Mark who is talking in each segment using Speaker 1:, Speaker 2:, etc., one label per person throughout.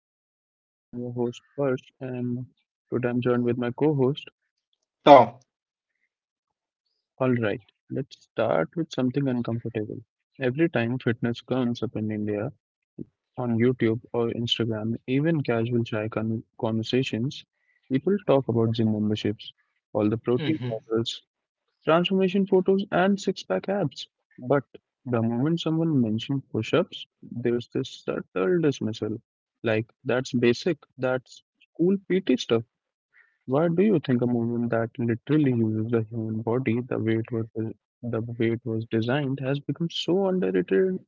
Speaker 1: my podcast. I'm your host Persh and today I'm joined with my co-host.
Speaker 2: 到
Speaker 1: Alright, let's start with something uncomfortable. Every time fitness comes up in India, on YouTube or Instagram, even casual conversations, people talk about gym memberships, all the protein
Speaker 2: 嗯哼。
Speaker 1: powders, transformation photos, and six pack abs. But the moment someone mentions push ups, there's this subtle dismissal. Like, that's basic, that's school PT stuff. Why do you think a movement that literally uses the human body the way it was designed has become so underrated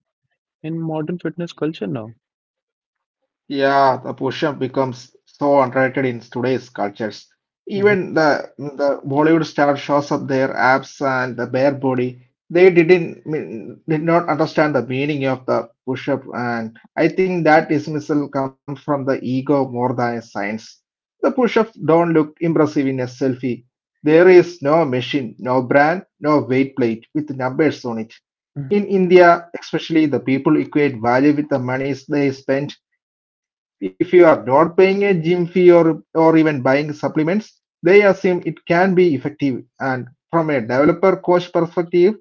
Speaker 1: in modern fitness culture now?
Speaker 2: Yeah, the push-up becomes so underrated in today's cultures.
Speaker 1: Mhm.
Speaker 2: Even the Bollywood star shows up their abs and the bare body. They didn't mean- did not understand the meaning of the push-up, and I think that dismissal comes from the ego more than science. The push-ups don't look impressive in a selfie. There is no machine, no brand, no weight plate with numbers on it. In India, especially, the people equate value with the money they spend if you are not paying a gym fee or even buying supplements, they assume it can be effective. And from a developer coach perspective,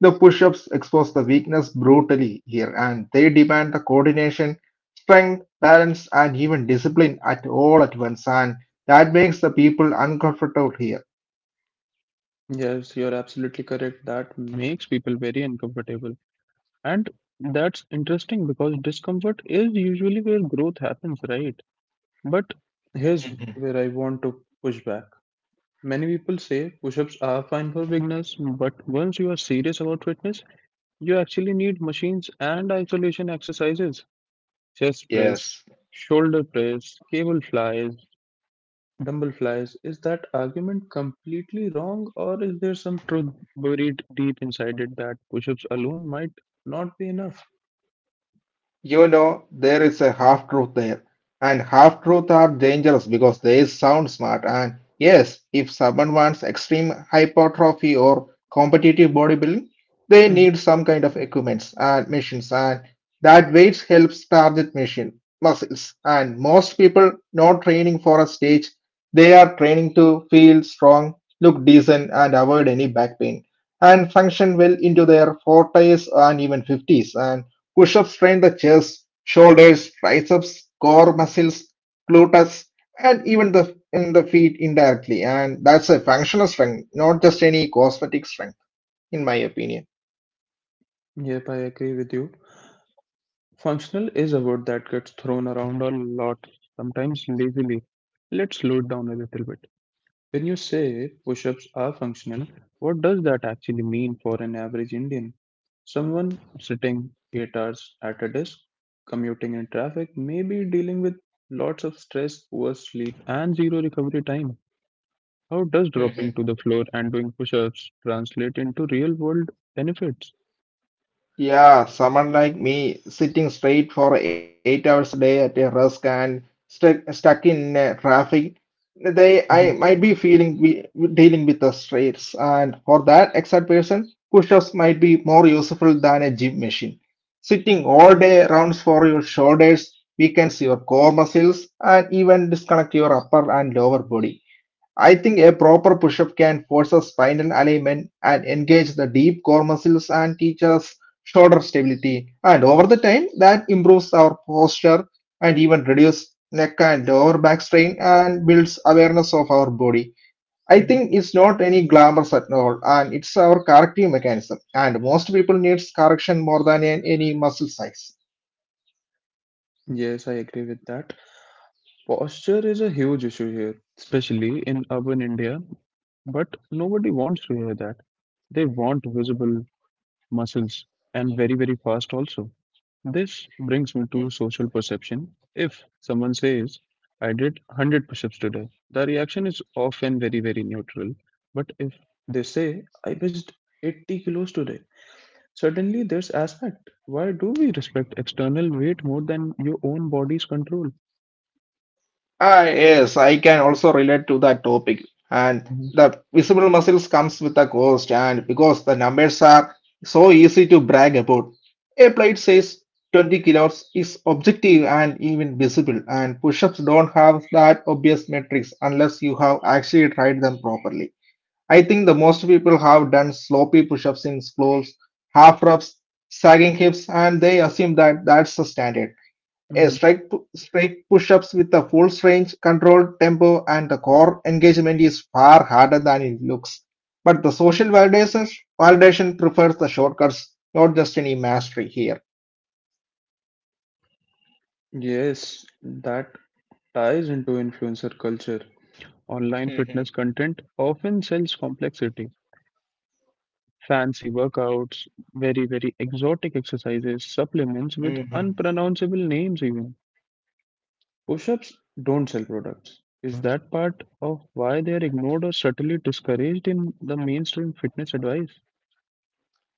Speaker 2: the push ups expose the weakness brutally here and they demand the coordination, strength, balance, and even discipline at all at once. And that makes the people uncomfortable here.
Speaker 1: Yes, you're absolutely correct. That makes people very uncomfortable. And that's interesting because discomfort is usually where growth happens, right? But here's
Speaker 2: Mhm.
Speaker 1: where I want to push back. Many people say push ups are fine for beginners, but once you are serious about fitness, you actually need machines and isolation exercises. Chest press,
Speaker 2: Yes.
Speaker 1: shoulder press, cable flies, dumbbell flies. Is that argument completely wrong, or is there some truth buried deep inside it that push ups alone might not be enough?
Speaker 2: There is a half truth there, and half truths are dangerous because they sound smart. And yes, if someone wants extreme hypertrophy or competitive bodybuilding, they
Speaker 1: Hmm.
Speaker 2: need some kind of equipments and machines, and that weights helps target machine muscles. And most people not training for a stage, they are training to feel strong, look decent, and avoid any back pain, and function well into their 40s and even 50s. And push-ups train the chest, shoulders, triceps, core muscles, gluteus, and even the in the feet indirectly. And that's a functional strength, not just any cosmetic strength, in my opinion.
Speaker 1: Yep, I agree with you. Functional is a word that gets thrown around a lot, sometimes lazily. Let's slow it down a little bit. When you say push ups are functional, what does that actually mean for an average Indian? Someone sitting 8 hours at a desk, commuting in traffic, maybe dealing with lots of stress, poor sleep, and zero recovery time. How does dropping to the floor and doing push ups translate into real world benefits?
Speaker 2: Yeah, someone like me sitting straight for 8 hours a day at a rusk and stuck in traffic, they I might be feeling we dealing with the stress. And for that exact person, push-ups might be more useful than a gym machine. Sitting all day rounds for your shoulders, weakens your core muscles, and even disconnect your upper and lower body. I think a proper push-up can force a spinal alignment and engage the deep core muscles and teaches shoulder stability. And over the time, that improves our posture and even reduce neck and lower back strain and builds awareness of our body. I
Speaker 1: Hmm.
Speaker 2: think it's not any glamorous at all, and it's our corrective mechanism. And most people needs correction more than any muscle size.
Speaker 1: Yes, I agree with that. Posture is a huge issue here, especially in urban India, but nobody wants to hear that. They want visible muscles and very, very fast also. This brings me to social perception. If someone says, I did 100 push ups today, the reaction is often very, very neutral. But if they say, I pushed 80 kilos today, suddenly there's aspect. Why do we respect external weight more than your own body's control?
Speaker 2: Yes, I can also relate to that topic. And the visible muscles comes with a cost, and because the numbers are so easy to brag about, a plate says 20 kilos is objective and even visible, and push-ups don't have that obvious metrics unless you have actually tried them properly. I think the most people have done sloppy push-ups in schools, half reps, sagging hips, and they assume that that's the standard. A
Speaker 1: Mhm.
Speaker 2: straight push-ups with a full range, controlled tempo, and the core engagement is far harder than it looks. But the social validation prefers the shortcuts, not just any mastery here.
Speaker 1: Yes, that ties into influencer culture. Online fitness content often sells complexity, fancy workouts, very, very exotic exercises, supplements with
Speaker 2: Mhm.
Speaker 1: unpronounceable names, even. Push ups don't sell products. Is that part of why they are ignored or subtly discouraged in the mainstream fitness advice?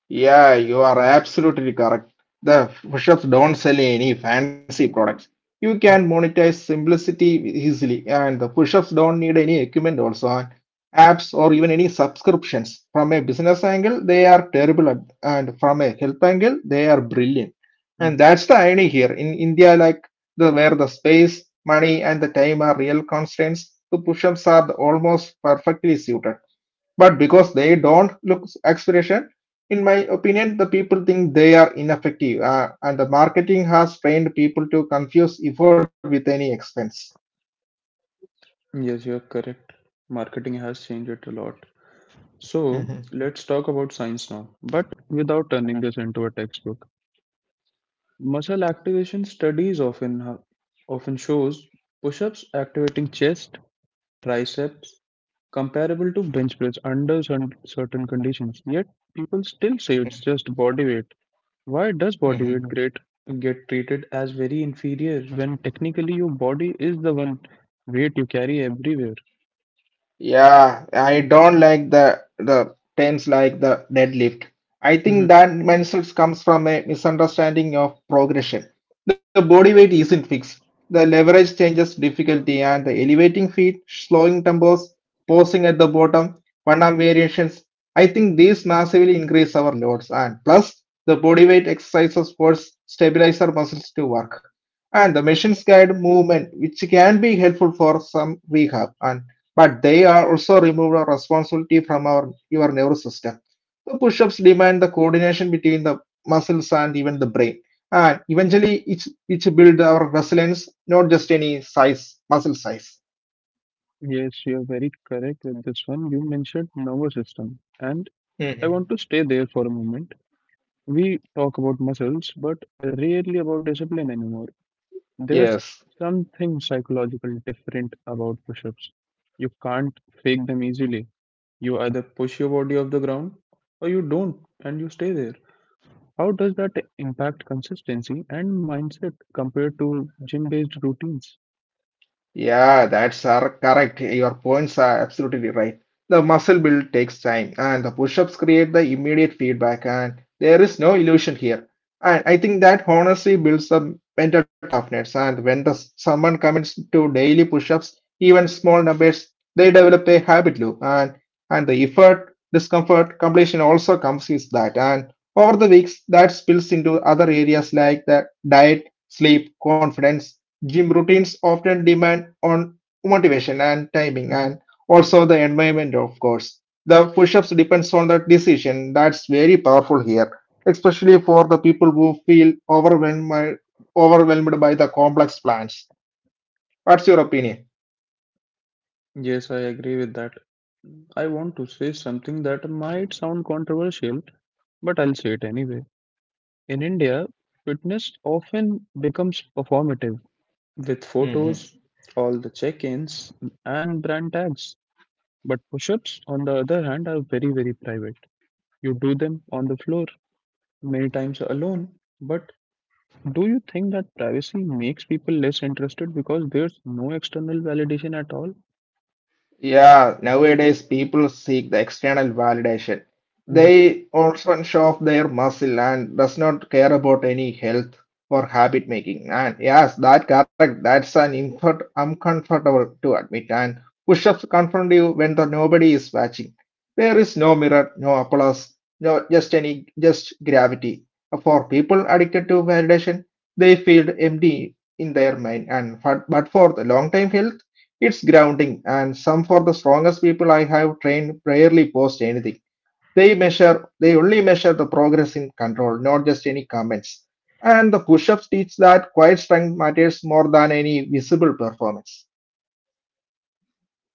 Speaker 2: Yeah, you are absolutely correct. The push-ups don't sell any fancy products. You can monetize simplicity easily, and the push-ups don't need any equipment also, and apps or even any subscriptions. From a business angle, they are terrible, and from a health angle, they are brilliant.
Speaker 1: Mm.
Speaker 2: And that's the irony here. In India, like the where the space, money, and the time are real constraints, the push-ups are almost perfectly suited. But because they don't look aspiration, in my opinion, the people think they are ineffective, and the marketing has trained people to confuse effort with any expense.
Speaker 1: Yes, you are correct. Marketing has changed it a lot.
Speaker 2: hmm
Speaker 1: So let's talk about science now, but without turning this into a textbook. Muscle activation studies often shows push-ups activating chest, triceps, comparable to bench press under certain conditions. Yet people still say it's just body weight. Why does body weight great get treated as very inferior when technically your body is the one weight you carry everywhere?
Speaker 2: Yeah, I don't like the terms like the deadlift. I think
Speaker 1: Mhm.
Speaker 2: that mindset comes from a misunderstanding of progression. The body weight isn't fixed. The leverage changes difficulty and the elevating feet, slowing tempos, pausing at the bottom, one arm variations. I think these massively increase our loads and plus the body weight exercises force stabilizer muscles to work. And the machines guide movement, which can be helpful for some rehab. And but they are also remove our responsibility from our your nervous system. The push-ups demand the coordination between the muscles and even the brain. And eventually it's build our resilience, not just any size, muscle size.
Speaker 1: Yes, you're very correct with this one. You mentioned nervous system, and I
Speaker 2: Mhm.
Speaker 1: want to stay there for a moment. We talk about muscles, but rarely about discipline anymore. There's
Speaker 2: Yes.
Speaker 1: something psychological different about push ups. You can't fake them easily. You either push your body off the ground or you don't and you stay there. How does that impact consistency and mindset compared to gym based routines?
Speaker 2: Yeah, that's are correct. Your points are absolutely right. The muscle build takes time, and the push-ups create the immediate feedback, and there is no illusion here. And I think that honestly builds the mental toughness. And when the someone commits to daily push-ups, even small numbers, they develop a habit loop, and the effort, discomfort, completion also comes with that. And over the weeks, that spills into other areas like the diet, sleep, confidence. Gym routines often demand on motivation and timing
Speaker 1: Hmm.
Speaker 2: and also the environment, of course. The push-ups depends on that decision. That's very powerful here, especially for the people who feel overwhelmed by the complex plans. What's your opinion?
Speaker 1: Yes, I agree with that. I want to say something that might sound controversial, but I'll say it anyway. In India, fitness often becomes performative with photos, all the check ins, and brand tags. But push ups, on the other hand, are very, very private. You do them on the floor, many times alone. But do you think that privacy makes people less interested because there's no external validation at all?
Speaker 2: Yeah, nowadays people seek the external validation.
Speaker 1: Mhm.
Speaker 2: They often show off their muscle and does not care about any health or habit making. And yes, that correct. That's an infer uncomfortable to admit. And push-ups confront you when the nobody is watching. There is no mirror, no applause, no just any just gravity. For people addicted to validation, they feel empty in their mind. And for, but for the long-time health. It's grounding, and some for the strongest people I have trained rarely post anything. They measure, they only measure the progress in control, not just any comments. And the push ups teach that quiet strength matters more than any visible performance.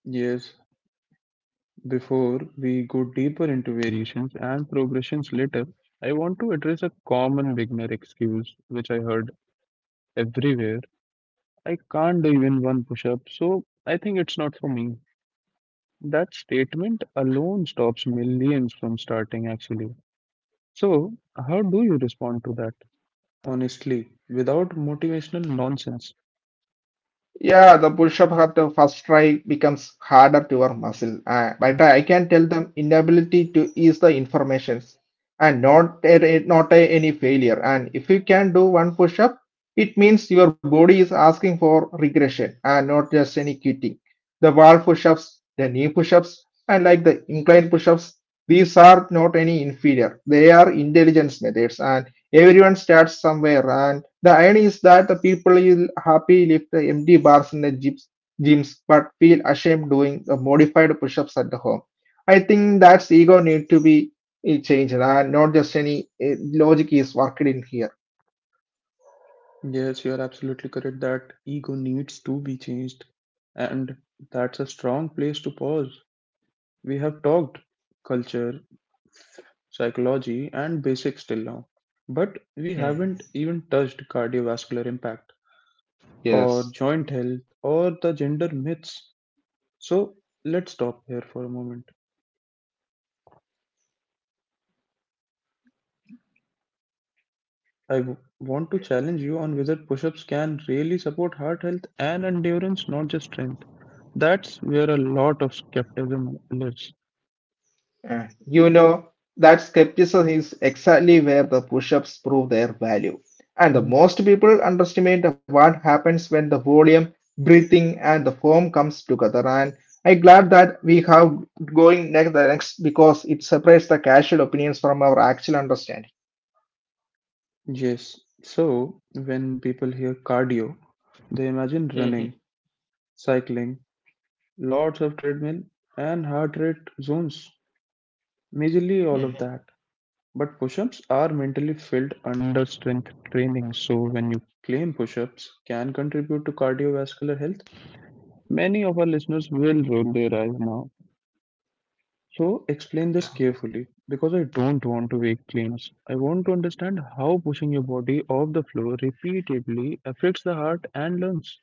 Speaker 1: Yes, before we go deeper into variations and progressions later, I want to address a common beginner excuse which I heard everywhere. I can't do even one push up, so I think it's not for me. That statement alone stops millions from starting, actually. So, how do you respond to that? Honestly, without motivational nonsense.
Speaker 2: Yeah, the push-up at the first try becomes harder to your muscle, but I can tell them inability to ease the informations and not any failure. And if you can do one push-up, it means your body is asking for regression and not just any quitting. The wall push-ups, the knee push-ups, and like the incline push-ups, these are not any inferior. They are intelligence methods, and everyone starts somewhere. The irony is that the people will happy lift the empty bars in the gyms but feel ashamed doing the modified push-ups at the home. I think that's ego need to be changed and not just any logic is worked in here.
Speaker 1: Yes, you are absolutely correct that ego needs to be changed, and that's a strong place to pause. We have talked culture, psychology, and basics till now, but we
Speaker 2: Mm.
Speaker 1: haven't even touched cardiovascular impact, or
Speaker 2: Yes.
Speaker 1: joint health, or the gender myths. So let's stop here for a moment. Want to challenge you on whether push ups can really support heart health and endurance, not just strength. That's where a lot of skepticism lives.
Speaker 2: Uh, you know, that skepticism is exactly where the push ups prove their value. And the
Speaker 1: Mhm.
Speaker 2: most people underestimate what happens when the volume, breathing, and the form comes together. And I'm glad that we have going next the next because it separates the casual opinions from our actual understanding.
Speaker 1: Yes, so when people hear cardio, they imagine
Speaker 2: hmm
Speaker 1: running, cycling, lots of treadmill, and heart rate zones, majorly all of
Speaker 2: hmm
Speaker 1: that. But push ups are mentally filled under strength training, so when you claim push ups can contribute to cardiovascular health, many of our listeners will roll their eyes now. So explain this carefully because I don't want to make claims. I want to understand how pushing your body off the floor repeatedly affects the heart and lungs.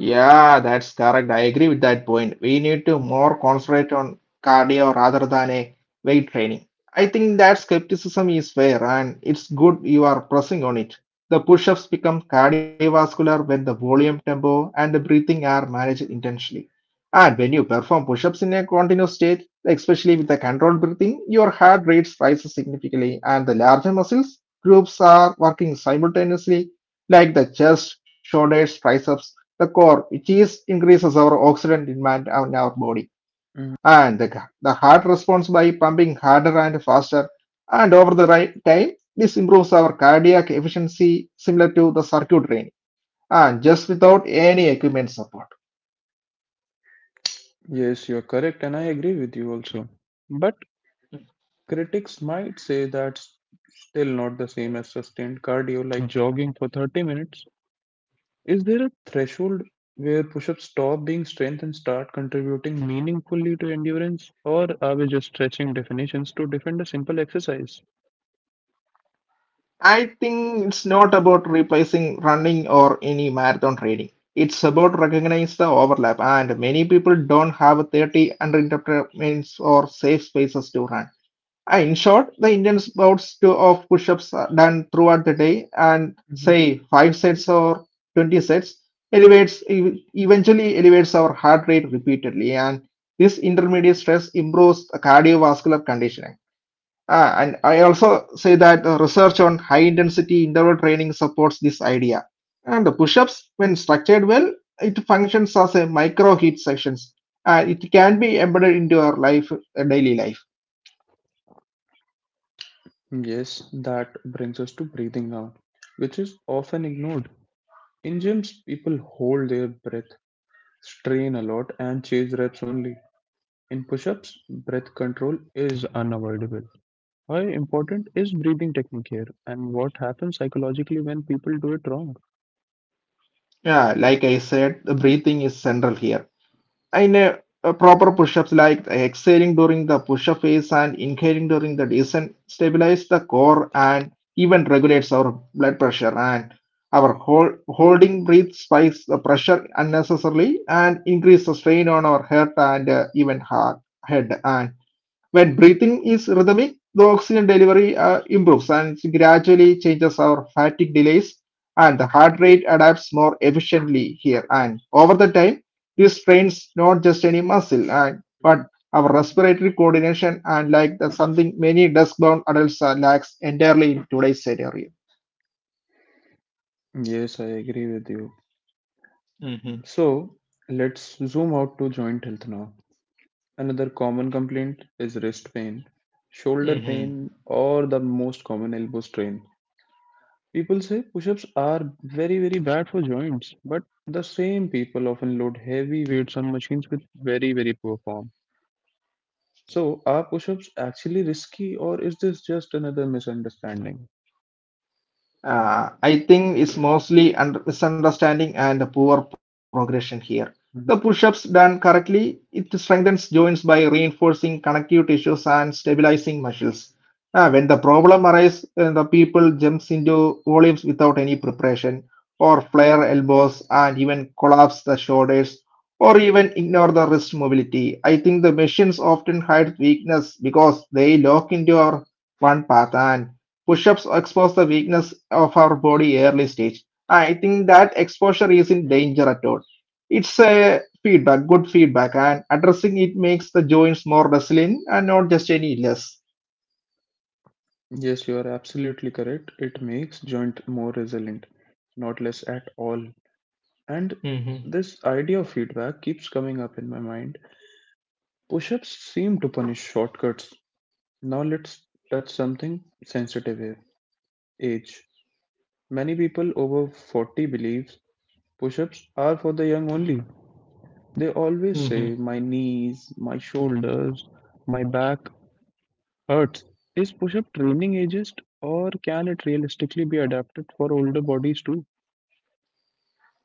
Speaker 2: Yeah, that's correct. I agree with that point. We need to more concentrate on cardio rather than a weight training. I think that skepticism is fair and it's good you are pressing on it. The push-ups become cardiovascular when the volume, tempo, and the breathing are managed intentionally. And when you perform push-ups in a continuous state, especially with the controlled breathing, your heart rate rises significantly and the larger muscles groups are working simultaneously like the chest, shoulders, triceps, the core, which is increases our oxygen demand on our body.
Speaker 1: Mm.
Speaker 2: And the heart responds by pumping harder and faster. And over the right time, this improves our cardiac efficiency similar to the circuit training. And just without any equipment support.
Speaker 1: Yes, you're correct, and I agree with you also. But critics might say that's still not the same as sustained cardio like jogging for 30 minutes. Is there a threshold where push ups stop being strength and start contributing meaningfully to endurance? Or are we just stretching definitions to defend a simple exercise?
Speaker 2: I think it's not about replacing running or any marathon training. It's about recognize the overlap and many people don't have 30 uninterrupted minutes or safe spaces to run. In short, the Indian bouts to of push-ups are done throughout the day and
Speaker 1: Mhm.
Speaker 2: say five sets or 20 sets elevates eventually elevates our heart rate repeatedly and this intermediate stress improves the cardiovascular conditioning. And I also say that research on high intensity interval training supports this idea. And the push-ups, when structured well, it functions as a micro heat sections. It can be embedded into our life, daily life.
Speaker 1: Yes, that brings us to breathing now, which is often ignored. In gyms, people hold their breath, strain a lot, and chase reps only. In push ups, breath control is unavoidable. How important is breathing technique here, and what happens psychologically when people do it wrong?
Speaker 2: Yeah, like I said, the breathing is central here. In a proper push-ups, like exhaling during the push-up phase and inhaling during the descent, stabilize the core and even regulates our blood pressure and our holding breath spikes the pressure unnecessarily and increase the strain on our heart and even heart head. And when breathing is rhythmic, the oxygen delivery improves and gradually changes our fatigue delays, and the heart rate adapts more efficiently here. And over the time, this strains not just any muscle, and but
Speaker 1: Mhm.
Speaker 2: our respiratory coordination and like the something many desk-bound adults lacks entirely in today's scenario.
Speaker 1: Yes, I agree with you. So let's zoom out to joint health now. Another common complaint is wrist pain, shoulder pain, or the most common elbow strain. People say push ups are very, very bad for joints, but the same people often load heavy weights on machines with very, very poor form. So, are push ups actually risky, or is this just another misunderstanding?
Speaker 2: I think it's mostly under misunderstanding and poor progression here. The
Speaker 1: Mhm.
Speaker 2: push-ups done correctly, it strengthens joints by reinforcing connective tissues and stabilizing muscles. When the problem arises, the people jumps into volumes without any preparation, or flare elbows and even collapse the shoulders, or even ignore the wrist mobility. I think the machines often hide weakness because they lock into our one path and push-ups expose the weakness of our body early stage. I think that exposure isn't danger at all. It's a feedback, good feedback, and addressing it makes the joints more resilient and not just any less.
Speaker 1: Yes, you are absolutely correct. It makes joint more resilient, not less at all. And
Speaker 2: Mm-hmm.
Speaker 1: this idea of feedback keeps coming up in my mind. Push ups seem to punish shortcuts. Now let's touch something sensitive here, age. Many people over 40 believes push ups are for the young only. They always say, my knees, my shoulders, my back hurts. Is push up training ageist or can it realistically be adapted for older bodies too?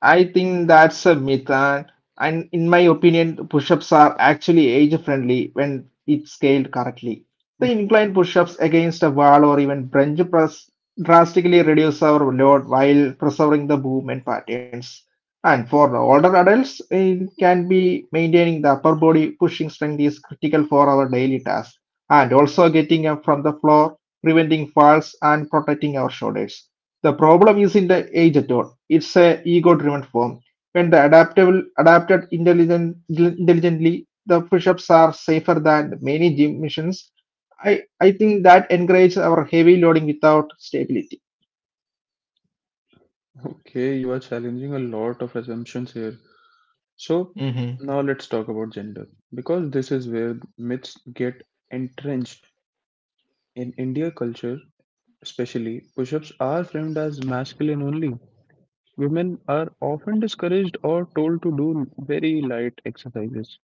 Speaker 2: I think that's a myth, and in my opinion, push-ups are actually age-friendly when it's scaled correctly. The incline push-ups against a wall or even bench press drastically reduce our load while preserving the movement patterns. And for the older adults, it can be maintaining the upper body pushing strength is critical for our daily tasks, and also getting up from the floor, preventing falls, and protecting our shoulders. The problem isn't the age at all; it's a ego-driven form. When the adaptable adapted intelligent, intelligently, the push-ups are safer than many gym missions. I think that encourages our heavy loading without stability.
Speaker 1: Okay, you are challenging a lot of assumptions here. So now let's talk about gender, because this is where myths get entrenched in India culture. Especially push-ups are framed as masculine only. Women are often discouraged or told to do very light exercises.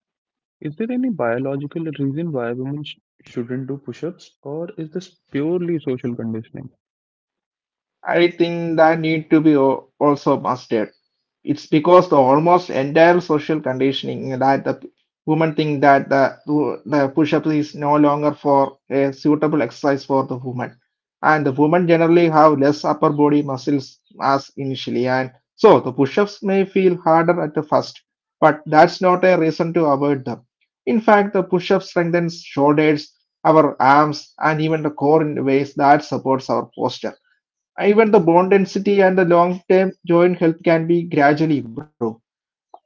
Speaker 1: Is there any biological reason why shouldn't do push-ups, or is this purely social conditioning?
Speaker 2: I think that need to be also mastered. It's because the almost entire social conditioning that the women think that the push-up is no longer for a suitable exercise for the woman. And the women generally have less upper body muscles mass initially. And so the push-ups may feel harder at the first, but that's not a reason to avoid them. In fact, the push-up strengthens shoulders, our arms, and even the core in ways that supports our posture. Even the bone density and the long term joint health can be gradually improved.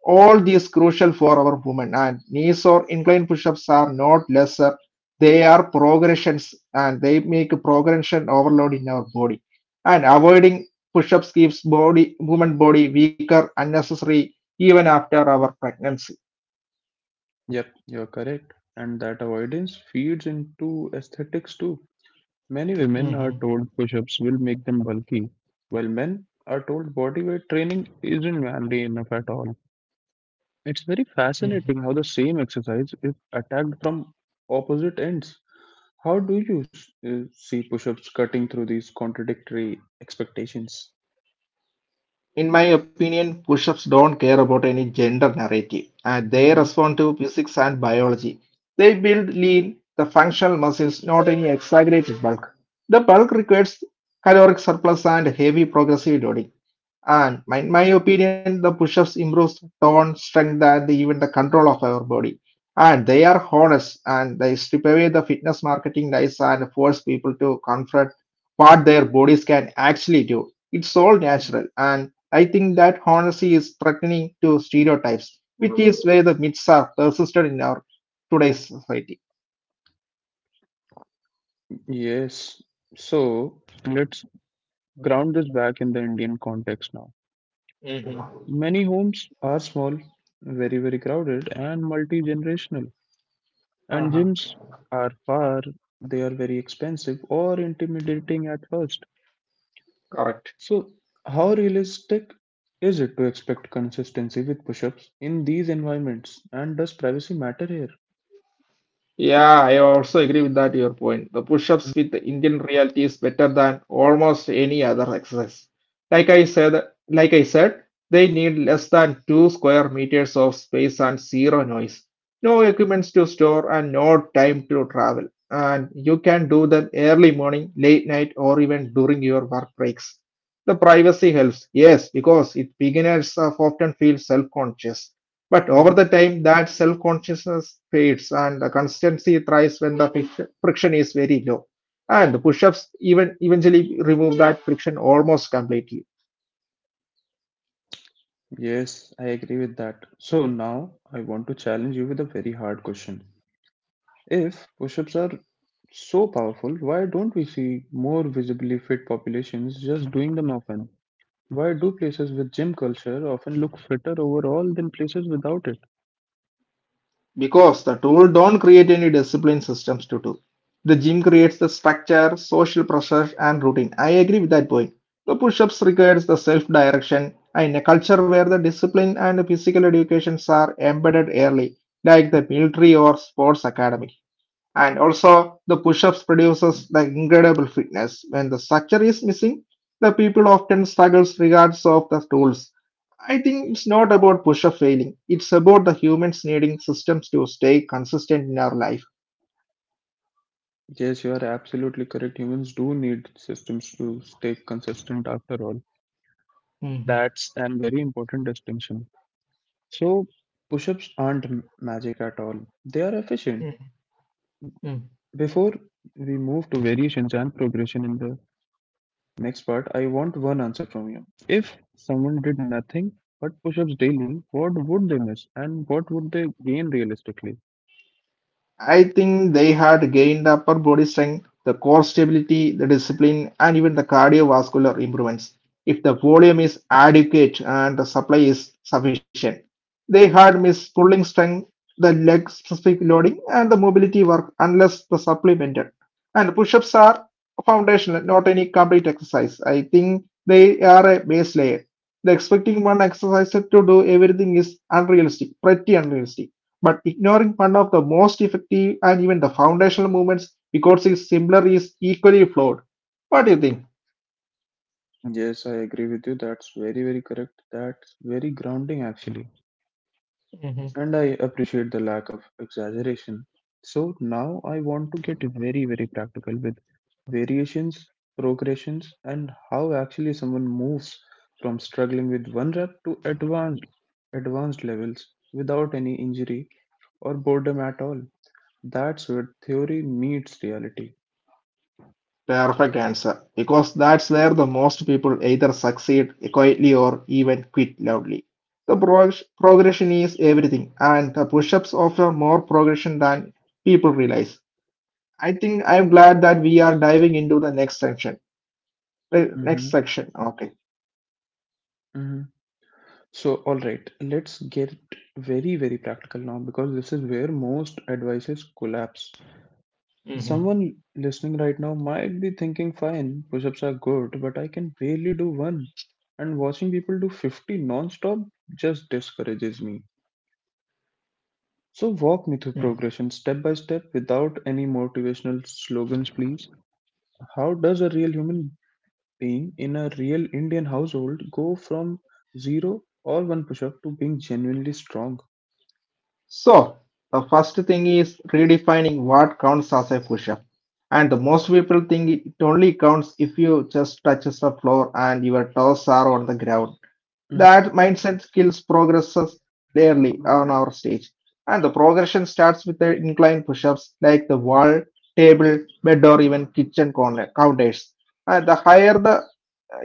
Speaker 2: All these crucial for our women and knees or incline push-ups are not lesser. They are progressions and they make a progression overload in our body. And avoiding push-ups keeps body woman body weaker, unnecessary even after our pregnancy.
Speaker 1: Yep, you're correct, and that avoidance feeds into aesthetics too. Many women are
Speaker 2: Mhm.
Speaker 1: told push ups will make them bulky, while men are told body weight training isn't manly enough at all. It's very fascinating how the same exercise is attacked from opposite ends. How do you see push ups cutting through these contradictory expectations?
Speaker 2: In my opinion, push ups don't care about any gender narrative and they
Speaker 1: Hmm.
Speaker 2: respond to physics and biology. They build lean, the functional muscles, not any exaggerated bulk. The bulk requires caloric surplus and heavy progressive loading. And my opinion, the push-ups improves tone, strength, and even the control of our body. And they are honest and they strip away the fitness marketing lies and force people to confront what their bodies can actually do. It's all natural. And I think that honesty is threatening to stereotypes, which is where the myths are persisted in our today's society.
Speaker 1: Yes. So let's ground this back in the Indian context now.
Speaker 2: Hmm.
Speaker 1: Many homes are small, very, very crowded, and multi generational. And
Speaker 2: Uh-huh.
Speaker 1: gyms are far, they are very expensive or intimidating at first.
Speaker 2: Correct.
Speaker 1: So, how realistic is it to expect consistency with push ups in these environments? And does privacy matter here?
Speaker 2: Yeah, I also agree with that your point. The push-ups with the Indian reality is better than almost any other exercise. Like I said, like I said, they need less than two square meters of space and zero noise. No equipments to store and no time to travel. And you can do them early morning, late night, or even during your work breaks. The privacy helps, yes, because it beginners often feel self-conscious. But over
Speaker 1: Mhm.
Speaker 2: the time, that self consciousness fades and the consistency thrives when the friction is very low. And the push ups even eventually remove that friction almost completely
Speaker 1: Yes, I agree with that. So now I want to challenge you with a very hard question. If push-ups are so powerful, why don't we see more visibly fit populations just doing them often? Why do places with gym culture often look fitter overall than places without it?
Speaker 2: because the tool don't create any discipline systems to do. The gym creates the structure, social pressure, and routine. I agree with that point. The push ups requires the self direction in a culture where the discipline and physical educations are embedded early, like the military or sports academy. And also, the push-ups produces the incredible fitness. When the structure is missing, the people often struggles regards of the tools. I think it's not about push-up failing. It's about the humans needing systems to stay consistent in our life.
Speaker 1: Yes, you are absolutely correct. Humans do need systems to stay consistent after all.
Speaker 2: Mhm.
Speaker 1: That's a very important distinction. So, push ups aren't magic at all, they are efficient.
Speaker 2: Mhm.
Speaker 1: Before we move to variations and progression in the next part, I want one answer from you. If someone did nothing but push ups daily, what would they miss and what would they gain realistically?
Speaker 2: I think they had gained the upper body strength, the core stability, the discipline, and even the cardiovascular improvements. If the volume is adequate and the supply is sufficient, they had missed pulling strength, the leg specific loading, and the mobility work unless the supplemented. And push ups are foundational, not any complete exercise. I think they are a base layer. The expecting one exercise to do everything is unrealistic, pretty unrealistic. But ignoring one of the most effective and even the foundational movements because it's similar is equally flawed. What do you think?
Speaker 1: Yes, I agree with you. That's very, very correct. That's very grounding, actually.
Speaker 2: Hmm.
Speaker 1: And I appreciate the lack of exaggeration. So now I want to get very, very practical with variations, progressions, and how actually someone moves from struggling with one rep to advanced levels without any injury or boredom at all. That's where theory meets reality.
Speaker 2: Perfect answer. Because that's where the most people either succeed quietly or even quit loudly. The progression is everything, and the push ups offer more progression than people realize. I think I'm glad that we are diving into the next section. Next
Speaker 1: Mm-hmm.
Speaker 2: section, okay.
Speaker 1: So, all right, let's get very, very practical now because this is where most advices collapse.
Speaker 2: Hmm.
Speaker 1: Someone listening right now might be thinking, fine, push ups are good, but I can barely do one. And watching people do 50 non stop just discourages me. So, walk me through progression step by step without any motivational slogans, please. How does a real human being in a real Indian household go from zero or one push up to being genuinely strong?
Speaker 2: So, the first thing is redefining what counts as a push up. And the most people think it only counts if you just touches the floor and your toes are on the ground.
Speaker 1: Mhm.
Speaker 2: That mindset kills progresses rarely on our stage. And the progression starts with the incline push ups like the wall, table, bed, or even kitchen corner counters. And the higher the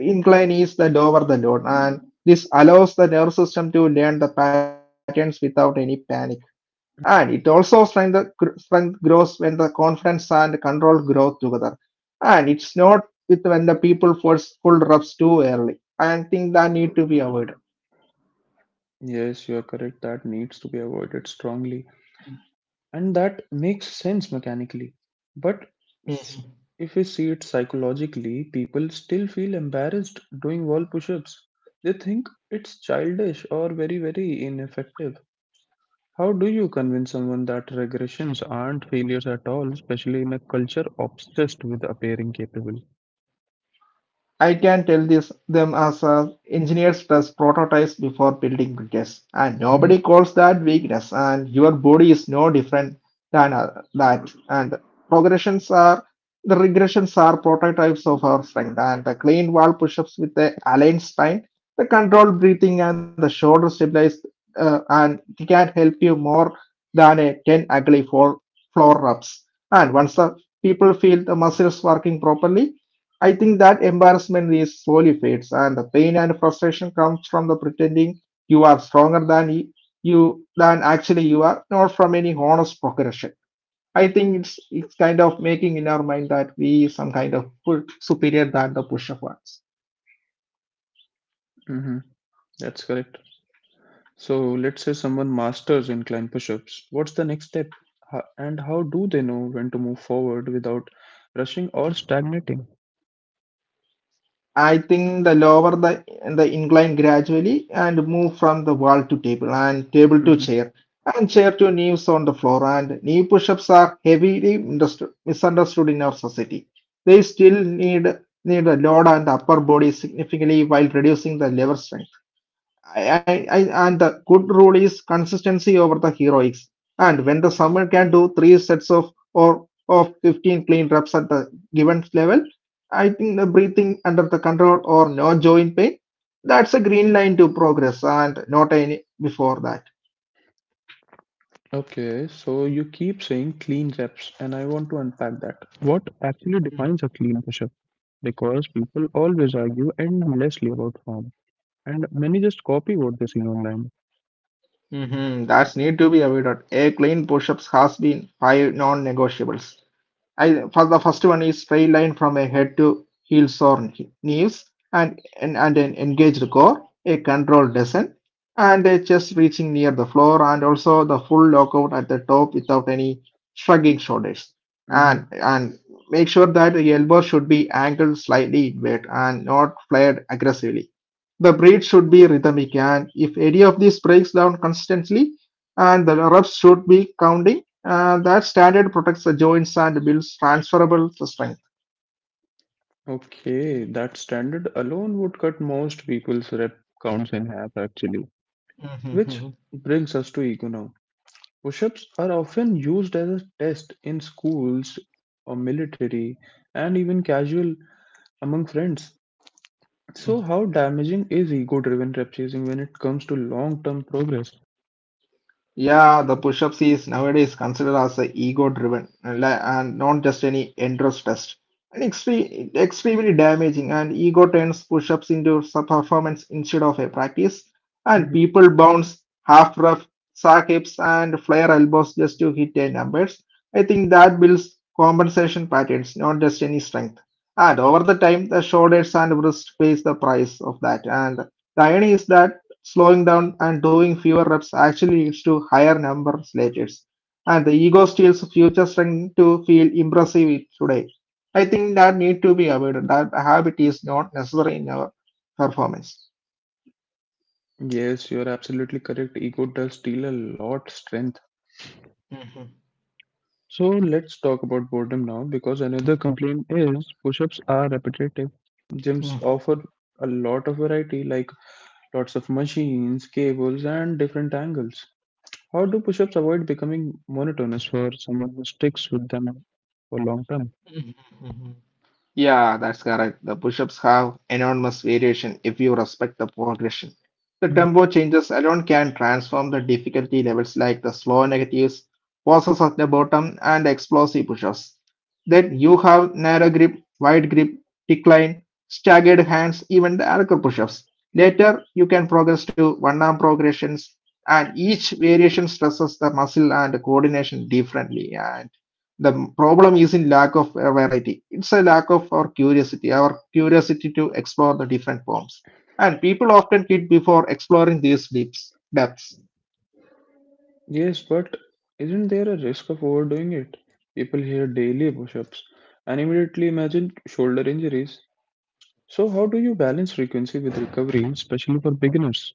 Speaker 2: incline is, the lower the load. And this allows the nervous system to learn the patterns without any panic and it also strength, strength grows when the confidence and control grow together. And it's not with when the people force pull reps too early. And think that need to be avoided.
Speaker 1: Yes, you are correct. That needs to be avoided strongly. And that makes sense mechanically. But s- if we see it psychologically, people still feel embarrassed doing wall push ups. They think it's childish or very, very ineffective. How do you convince someone that regressions aren't failures at all, especially in a culture obsessed with appearing capable?
Speaker 2: I can tell this them as engineers test prototypes before building bridges, and nobody calls that weakness. And your body is no different than that. And progressions are the regressions are prototypes of our strength. And the clean wall push-ups with the aligned spine, the controlled breathing, and the shoulder stabilized, and it can help you more than a ten ugly floor reps. And once the people feel the muscles working properly I think that embarrassment is slowly fades, and the pain and frustration comes from the pretending you are stronger than y- you than actually you are, not from any honest progression. I think it's kind of making in our mind that we some kind of full superior than the push-up ones.
Speaker 1: Mm-hmm. That's correct. So let's say someone masters incline push-ups. What's the next step? And how do they know when to move forward without rushing or stagnating?
Speaker 2: I think the lower the incline gradually and move from the wall to table and table to
Speaker 1: Hmm.
Speaker 2: chair and chair to knees on the floor and knee push-ups are heavily misunderstood in our society. They still need a load on the upper body significantly while reducing the lever strength. And the good rule is consistency over the heroics. And when the someone can do three sets of or of 15 clean reps at the given level, I think the breathing under the control or no joint pain, that's a green line to progress and not any before that.
Speaker 1: Okay, so you keep saying clean reps, and I want to unpack that. What actually defines a clean push-up? Because people always argue endlessly about form, and many just copy what they see online.
Speaker 2: Mhm. That's need to be avoided. A clean push-ups has been five non-negotiables. I for the first one is straight line from a head to heels or knees, and an engaged core, a controlled descent, and a chest reaching near the floor, and also the full lockout at the top without any shrugging shoulders. And
Speaker 1: Hmm.
Speaker 2: and make sure that the elbow should be angled slightly inward and not flared aggressively. The breath should be rhythmic, and if any of these breaks down consistently, and the reps should be counting that standard protects the joints and builds transferable strength.
Speaker 1: Okay, that standard alone would cut most people's rep counts in half, actually. Which
Speaker 2: Mhm,
Speaker 1: brings us to ego now. Push-ups are often used as a test in schools or military and even casual among friends. So
Speaker 2: mhm,
Speaker 1: how damaging is ego-driven rep chasing when it comes to long-term progress?
Speaker 2: Yeah, the push-ups is nowadays considered as a ego-driven and and not just any endurance test. And extremely damaging, and ego turns push-ups into a performance instead of a practice. And
Speaker 1: Mhm.
Speaker 2: people bounce half rough sack hips and flare elbows just to hit their numbers. I think that builds compensation patterns, not just any strength. And over the time, the shoulders and wrist pays the price of that. And the irony is that slowing down and doing fewer reps actually leads to higher numbers later. And the ego steals future strength to feel impressive today. I think that need to be avoided. That habit is not necessary in our performance.
Speaker 1: Yes, you're absolutely correct. Ego does steal a lot strength.
Speaker 2: Mhm.
Speaker 1: So let's talk about boredom now because another complaint is push-ups are repetitive. Gyms
Speaker 2: Mhm.
Speaker 1: offer a lot of variety like lots of machines, cables and different angles. How do push-ups avoid becoming monotonous for someone who sticks with them for long term?
Speaker 2: Mhm. mhm. Yeah, that's correct. The push-ups have enormous variation if you respect the progression. The
Speaker 1: Mhm.
Speaker 2: tempo changes alone can transform the difficulty levels like the slow negatives, pauses at the bottom, and explosive push-ups. Then you have narrow grip, wide grip, decline, staggered hands, even the ankle push-ups. Later, you can progress to one-arm progressions, and each variation stresses the muscle and coordination differently. And. The problem is in lack of variety, it's a lack of our curiosity to explore the different forms. And people often quit before exploring these depths.
Speaker 1: Yes, but isn't there a risk of overdoing it? People hear daily push-ups and immediately imagine shoulder injuries. So how do you balance frequency with recovery, especially for beginners?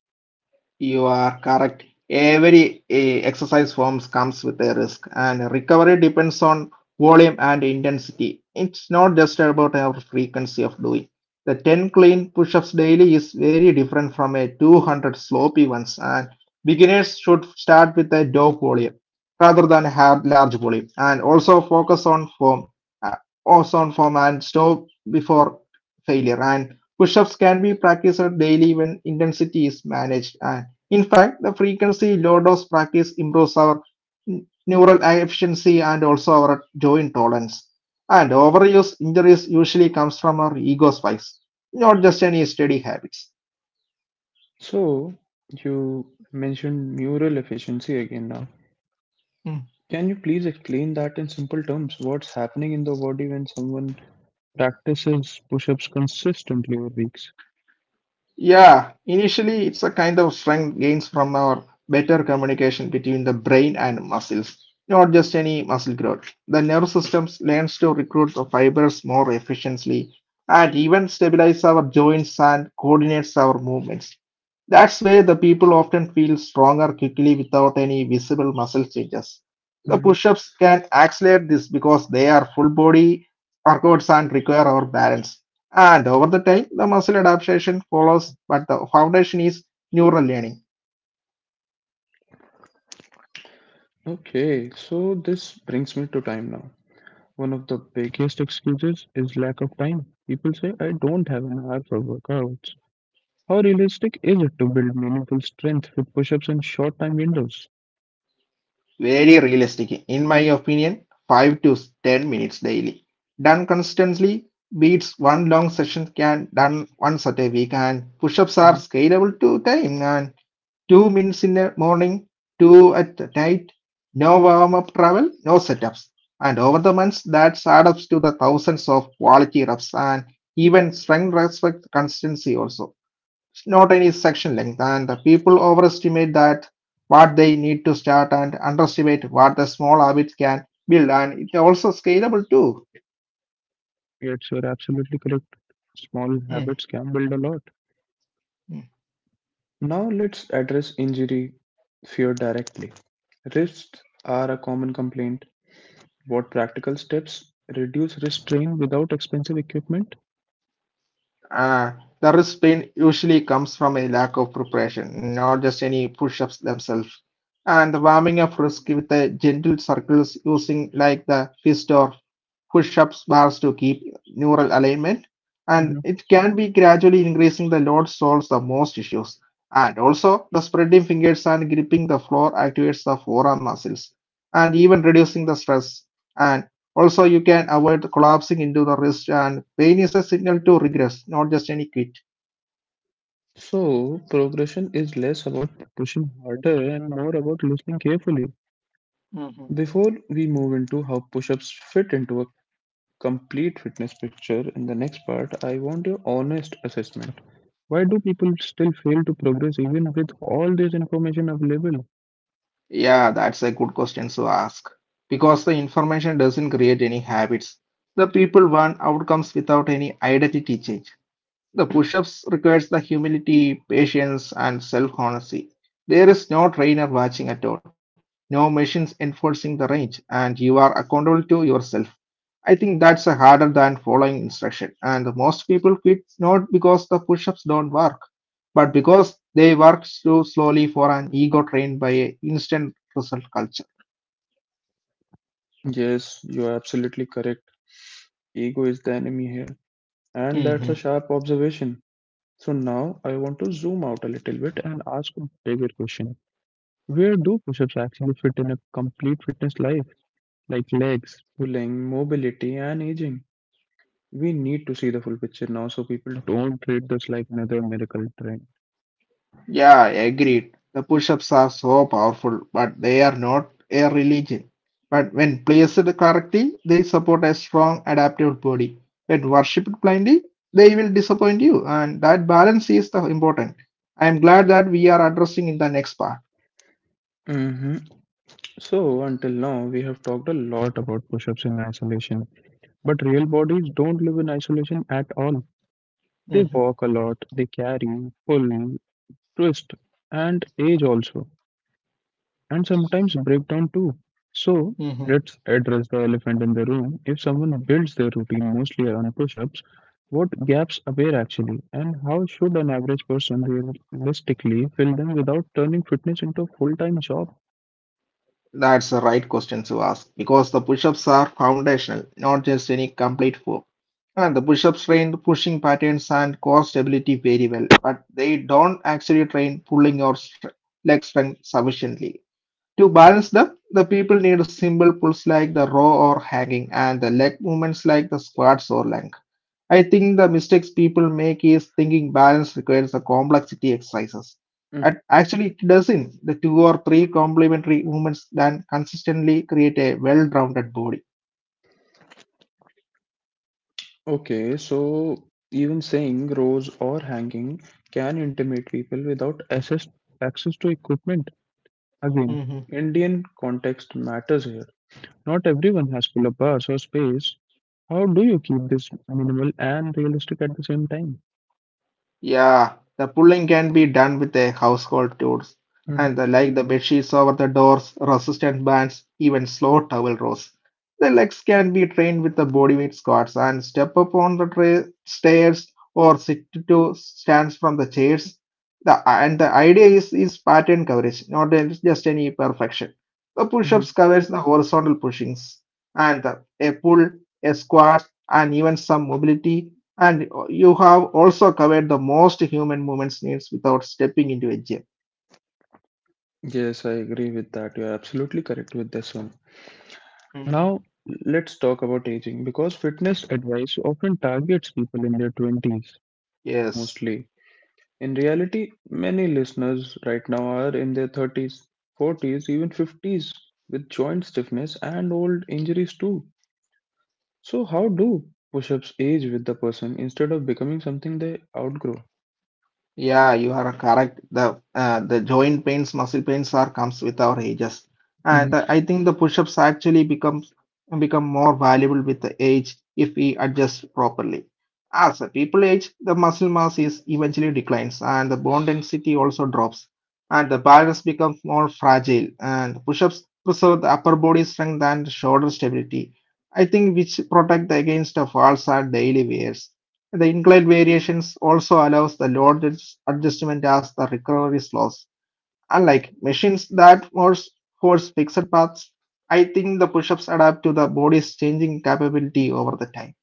Speaker 2: You are correct. Every exercise forms comes with a risk, and recovery depends on volume and intensity. It's not just about our frequency of doing. The 10 clean push-ups daily is very different from a 200 sloppy ones, and beginners should start with a low volume rather than have large volume, and also focus on form, uh, and stop before failure. And push-ups can be practiced daily when intensity is managed. And in fact, the frequency low dose practice improves our neural efficiency and also our joint tolerance. And overuse injuries usually comes from our ego spikes, not just any steady habits.
Speaker 1: So you mentioned neural efficiency again now. Can you please explain that in simple terms? What's happening in the body when someone practices push-ups consistently over weeks?
Speaker 2: Yeah, initially it's a kind of strength gains from our better communication between the brain and muscles, not just any muscle growth. The nerve systems learns to recruit the fibers more efficiently and even stabilize our joints and coordinates our movements. That's why the people often feel stronger quickly without any visible muscle changes. The push-ups can accelerate this because they are full body workouts and require our balance. And over the time, the muscle adaptation follows, but the foundation is neural learning.
Speaker 1: Okay, so this brings me to time now. One of the biggest excuses is lack of time. People say, I don't have an hour for workouts. How realistic is it to build meaningful strength with push ups in short time windows?
Speaker 2: Very realistic, in my opinion, 5 to 10 minutes daily. Done consistently beats one long session can done once at a week, and push-ups are
Speaker 1: Mhm.
Speaker 2: scalable to time and 2 minutes in the morning, 2 at night, no warm-up travel, no setups. And over the months, that adds up to the thousands of quality reps and even strength respect consistency also. It's not any section length, and the people overestimate that what they need to start and underestimate what the small habits can build, and it's also scalable too.
Speaker 1: Yes, you're absolutely correct. Small
Speaker 2: Mhm.
Speaker 1: habits can build a lot. Now let's address injury fear directly. Wrists are a common complaint. What practical steps reduce wrist strain without expensive equipment?
Speaker 2: Uh, the wrist pain usually comes from a lack of preparation, not just any push-ups themselves. And the warming up wrist with the gentle circles using like the fist or push-ups bars to keep neural alignment. And it can be gradually increasing the load solves the most issues. And also, the spreading fingers and gripping the floor activates the forearm muscles and even reducing the stress. And also, you can avoid collapsing into the wrist, and pain is a signal to regress, not just any quit.
Speaker 1: So, progression is less about pushing harder and more about listening carefully. Before we move into how push ups fit into a complete fitness picture in the next part, I want your honest assessment. Why do people still fail to progress even with all this information available?
Speaker 2: Yeah, that's a good question to ask. Because the information doesn't create any habits. The people want outcomes without any identity change. The push-ups requires the humility, patience, and self-honesty. There is no trainer watching at all, no machines enforcing the range, and you are accountable to yourself. I think that's a harder than following instruction, and most people quit not because the push-ups don't work, but because they work so slowly for an ego trained by a instant result culture.
Speaker 1: Yes, you are absolutely correct. Ego is the enemy here, and that's
Speaker 2: Hmm.
Speaker 1: a sharp observation. So, now I want to zoom out a little bit and ask a bigger question. Where do push ups actually fit in a complete fitness life? Like legs, pulling, mobility, and aging. We need to see the full picture now so people don't treat this like another medical trend.
Speaker 2: Yeah, agreed. The push-ups are so powerful, but they are not a religion. But when placed correctly, they support a strong, adaptable body. When worshipped blindly, they will disappoint you, and that balance is the important. I am glad that we are addressing in the next
Speaker 1: Hmm. So, until now, we have talked a lot about push ups in isolation, but real bodies don't live in isolation at all. They
Speaker 2: part.
Speaker 1: walk a lot, they carry, pull, twist, and age also, and sometimes breakdown too. So
Speaker 2: Mhm.
Speaker 1: let's address the elephant in the room. If someone builds their routine mostly around push-ups, what gaps appear actually, and how should an average person realistically fill them without turning fitness into a full-time job?
Speaker 2: That's the right question to ask because the push ups are foundational, not just any complete form. And the push ups train pushing patterns and core stability very well, but they don't actually train pulling or leg strength sufficiently. To balance them, the people need simple pulls like the row or hanging and the leg movements like the squats or lunges. I think the mistakes people make is thinking balance requires a complexity exercises.
Speaker 1: Mhm.
Speaker 2: Actually, it doesn't. The two or three complementary movements then consistently create a well-rounded body.
Speaker 1: Okay, so even saying rows or hanging can intimidate people without access to equipment again. Indian context matters here. Not everyone has pull-up bars or space. How do you keep this minimal and realistic at the same time?
Speaker 2: Yeah, the pulling can be done with a household tools and the, like the bed sheets over the doors, resistant bands, even slow towel rolls. The legs can be trained with the body weight squats and step up on the stairs or sit to stands from the chairs. The and the idea is pattern coverage, not a- just any perfection. The push-ups
Speaker 1: Mm-hmm.
Speaker 2: covers the horizontal pushings and the, a pull, a squat, and even some mobility, and you have also covered the most human movements needs without stepping into a gym.
Speaker 1: Yes, I agree with that. You're absolutely correct with this one.
Speaker 2: Mhm.
Speaker 1: Now, let's talk about aging because fitness advice often targets people in their 20s,
Speaker 2: Yes.
Speaker 1: mostly. In reality, many listeners right now are in their 30s, 40s, even 50s with joint stiffness and old injuries too. So, how do push ups age with the person instead of becoming something they outgrow?
Speaker 2: Yeah, you are correct. The joint pains, muscle pains are comes with our ages, and
Speaker 1: Mhm.
Speaker 2: I think the push-ups actually become more valuable with the age if we adjust properly. As the people age, the muscle mass is eventually declines, and the bone density also drops, and the balance becomes more fragile. And push-ups preserve the upper body strength and shoulder stability. I think which protect against the falls at daily wears. The inclined variations also allows the load adjustment as the recovery slows. Unlike machines that force fixed paths, I think the push-ups adapt to the body's changing capability over the time.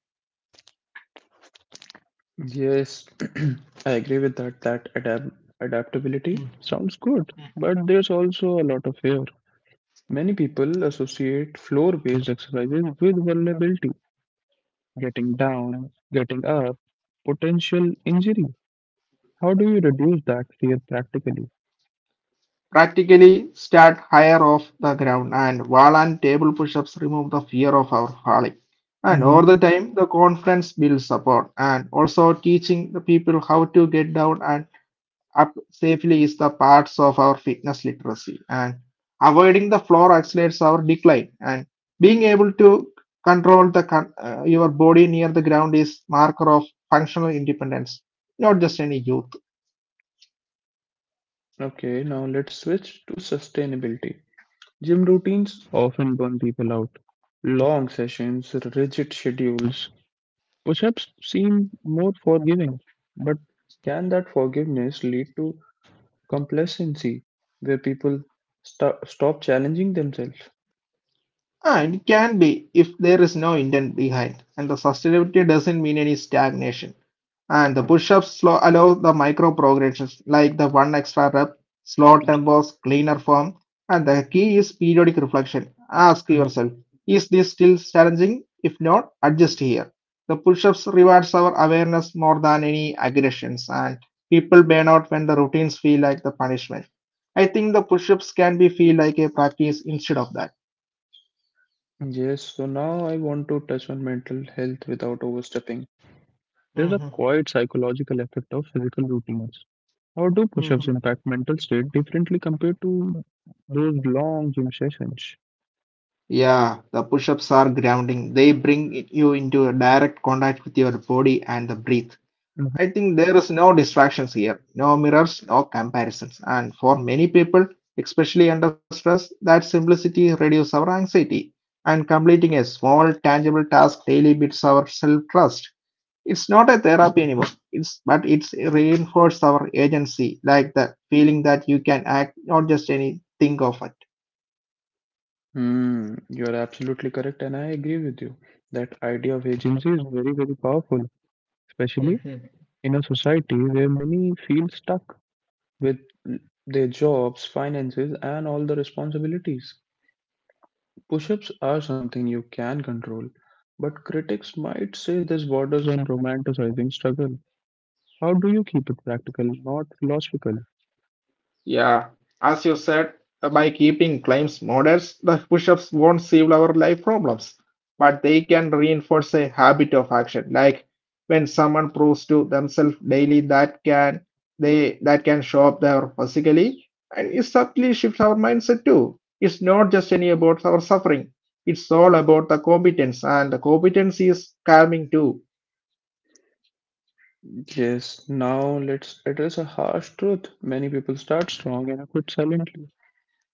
Speaker 1: Yes, I agree with that. That adaptability
Speaker 2: Mm.
Speaker 1: sounds good, but there's also a lot of fear. Many people associate floor-based exercises with vulnerability, getting down, getting up, potential injury. How do you reduce that fear practically?
Speaker 2: Practically start higher off the ground, and wall and table push-ups remove the fear of our falling. And
Speaker 1: Hmm.
Speaker 2: over the time, the confidence builds support, and also teaching the people how to get down and up safely is the parts of our fitness literacy, and avoiding the floor accelerates our decline, and being able to control the your body near the ground is marker of functional independence, not just any youth.
Speaker 1: Okay, now let's switch to sustainability. Gym routines often burn people out. Long sessions, rigid schedules. Push ups seem more forgiving, but can that forgiveness lead to complacency where people stop challenging themselves?
Speaker 2: And it can be if there is no intent behind, and the sustainability doesn't mean any stagnation. And the push-ups slow allow the micro progressions like the one extra rep, slow tempos, cleaner form, and the key is periodic reflection. Ask
Speaker 1: Mhm.
Speaker 2: yourself, is this still challenging? If not, adjust here. The push-ups rewards our awareness more than any aggressions, and people burn out when the routines feel like the punishment. I think the push-ups can be feel like a practice instead of that.
Speaker 1: Yes, so now I want to touch on mental health without overstepping. There's a
Speaker 2: Mhm.
Speaker 1: quiet psychological effect of physical routines. How do push ups impact mental state differently compared to those long gym sessions?
Speaker 2: Yeah, the push-ups are grounding. You into a direct contact with your body and the breath.
Speaker 1: Mhm.
Speaker 2: I think there is no distractions here, no mirrors, no comparisons. And for many people, especially under stress, that simplicity reduces our anxiety. And completing a small, tangible task daily builds our self-trust. It's not a therapy anymore. It's but it's reinforced our agency, like the feeling that you can act, not just any think of
Speaker 1: Hmm, you are absolutely correct, and I agree with you. That idea of agency is very, very powerful, especially
Speaker 2: it.
Speaker 1: in a society where many feel stuck with their jobs, finances, and all the responsibilities. Push ups are something you can control, but critics might say this borders on romanticizing struggle. How do you keep it practical, not philosophical?
Speaker 2: Yeah, as you said, by keeping claims modest, the push-ups won't solve our life problems, but they can reinforce a habit of action. Like when someone proves to themselves daily that can they that can show up there physically, and it subtly shifts our mindset too. It's not just any about our suffering; it's all about the competence, and the competence is calming too.
Speaker 1: Yes, now let's address a harsh truth. Many people start strong and quit silently.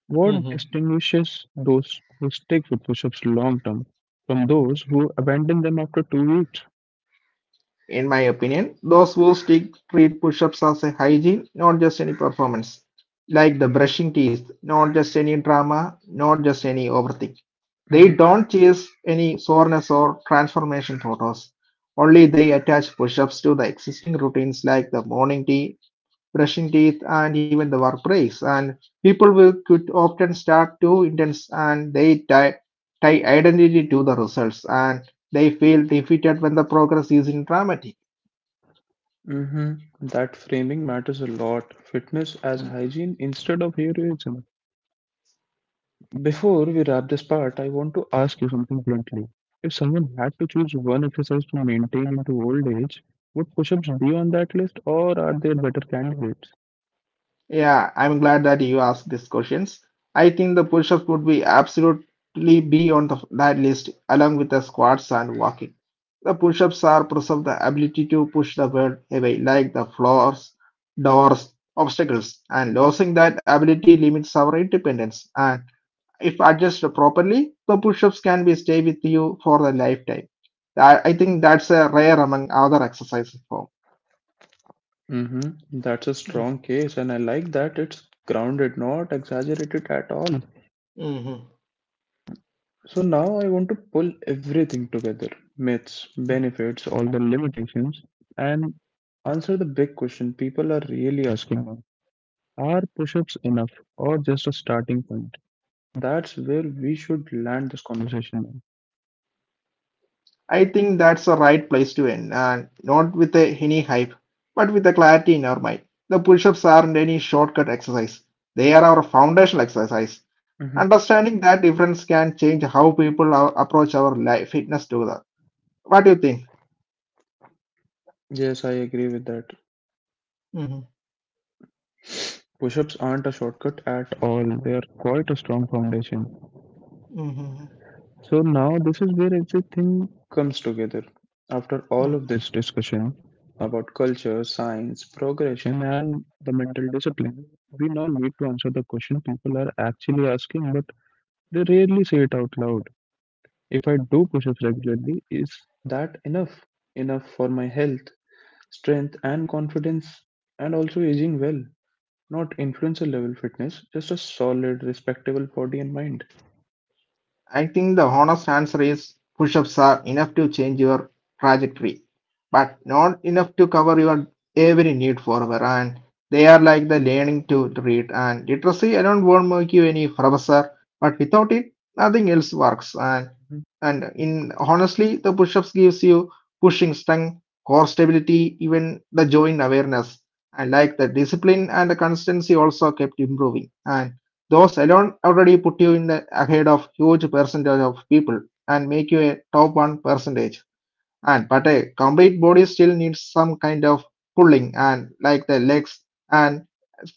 Speaker 1: What distinguishes those who stick with push ups long term from those who abandon them after 2 weeks?
Speaker 2: In my opinion, those who stick treat push-ups as a hygiene, not just any performance. Like the brushing teeth, not just any drama, not just any overthink. They don't chase any soreness or transformation photos. Only they attach push-ups to the existing routines like the morning tea, brushing teeth, and even the work breaks. And people will could often start too intense, and they tie identity to the results, and they feel defeated when the progress is in dramatic.
Speaker 1: Hmm. That framing matters a lot. Fitness as hygiene instead of heroism. Before we wrap this part, I want to ask you something bluntly. If someone had to choose one exercise to maintain into old age, would push-ups be on that list, or are there better candidates?
Speaker 2: Yeah, I'm glad that you asked these questions. I think the push-ups would be absolutely be on the, that list along with the squats and walking. The push-ups are preserve the ability to push the world away, like the floors, doors, obstacles, and losing that ability limits our independence. And if adjusted properly, the push-ups can be stay with you for the lifetime. I think that's a rare among other exercise form.
Speaker 1: Mm-hmm. That's a strong case, and I like that it's grounded, not exaggerated at all.
Speaker 2: Mm-hmm.
Speaker 1: So now I want to pull everything together: myths, benefits, all the limitations, and answer the big question people are really asking now. Are push ups enough or just a starting point? That's where we should land this conversation.
Speaker 2: I think that's the right place to end, and not with a, any hype, but with the clarity in our mind. The push ups aren't any shortcut exercise, they are our foundational exercise.
Speaker 1: Hmm.
Speaker 2: Understanding that difference can change how people are, approach our life, fitness together. What do you think?
Speaker 1: Yes, I agree with that.
Speaker 2: Hmm.
Speaker 1: Push ups aren't a shortcut at all, they are quite a strong foundation.
Speaker 2: Hmm.
Speaker 1: So now this is where everything comes together. After all of
Speaker 2: Hmm.
Speaker 1: this discussion about culture, science, progression, and the mental discipline, we now need to answer the question people are actually asking, but they rarely say it out loud. If I do push-ups regularly, is that enough? Enough for my health, strength, and confidence, and also aging well. Not influencer level fitness, just a solid, respectable body and mind.
Speaker 2: I think the honest answer is push ups are enough to change your trajectory, but not enough to cover your every need forever. And they are like the learning to read and literacy. I don't want to make you any professor, but without it, nothing else works. And in honestly the push-ups gives you pushing strength, core stability, even the joint awareness. I like the discipline, and the consistency also kept improving, and those alone already put you in the ahead of huge percentage of people and make you a top one percentage. And but a complete body still needs some kind of pulling and like the legs and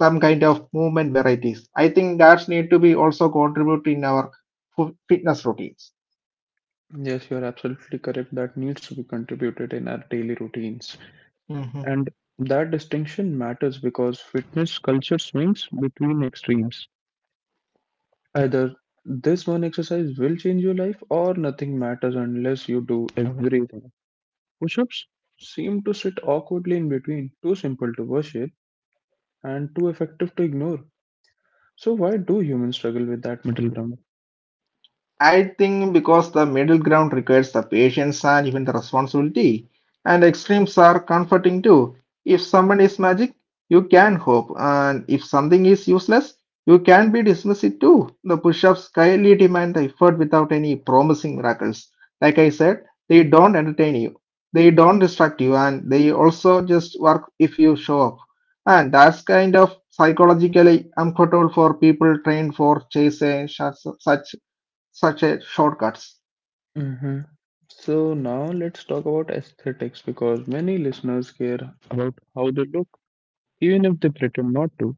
Speaker 2: some kind of movement varieties. I think that's need to be also contribute in our fitness routines.
Speaker 1: Yes, you're absolutely correct. That needs to be contributed in our daily routines.
Speaker 2: Mhm.
Speaker 1: And that distinction matters because fitness culture swings between extremes. Either this one exercise will change your life, or nothing matters unless you do everything. Push ups seem to sit awkwardly in between, too simple to worship and too effective to ignore. So, why do humans struggle with that middle ground?
Speaker 2: I think because the middle ground requires the patience and even the responsibility, and extremes are comforting too. If someone is magic, you can hope, and if something is useless, you can be dismissed it too. The push ups highly demand the effort without any promising miracles. Like I said, they don't entertain you, they don't distract you, and they also just work if you show up. And that's kind of psychologically uncomfortable for people trained for chasing such a shortcuts.
Speaker 1: Hmm. So now let's talk about aesthetics because many listeners care about how they look, even if they pretend not to.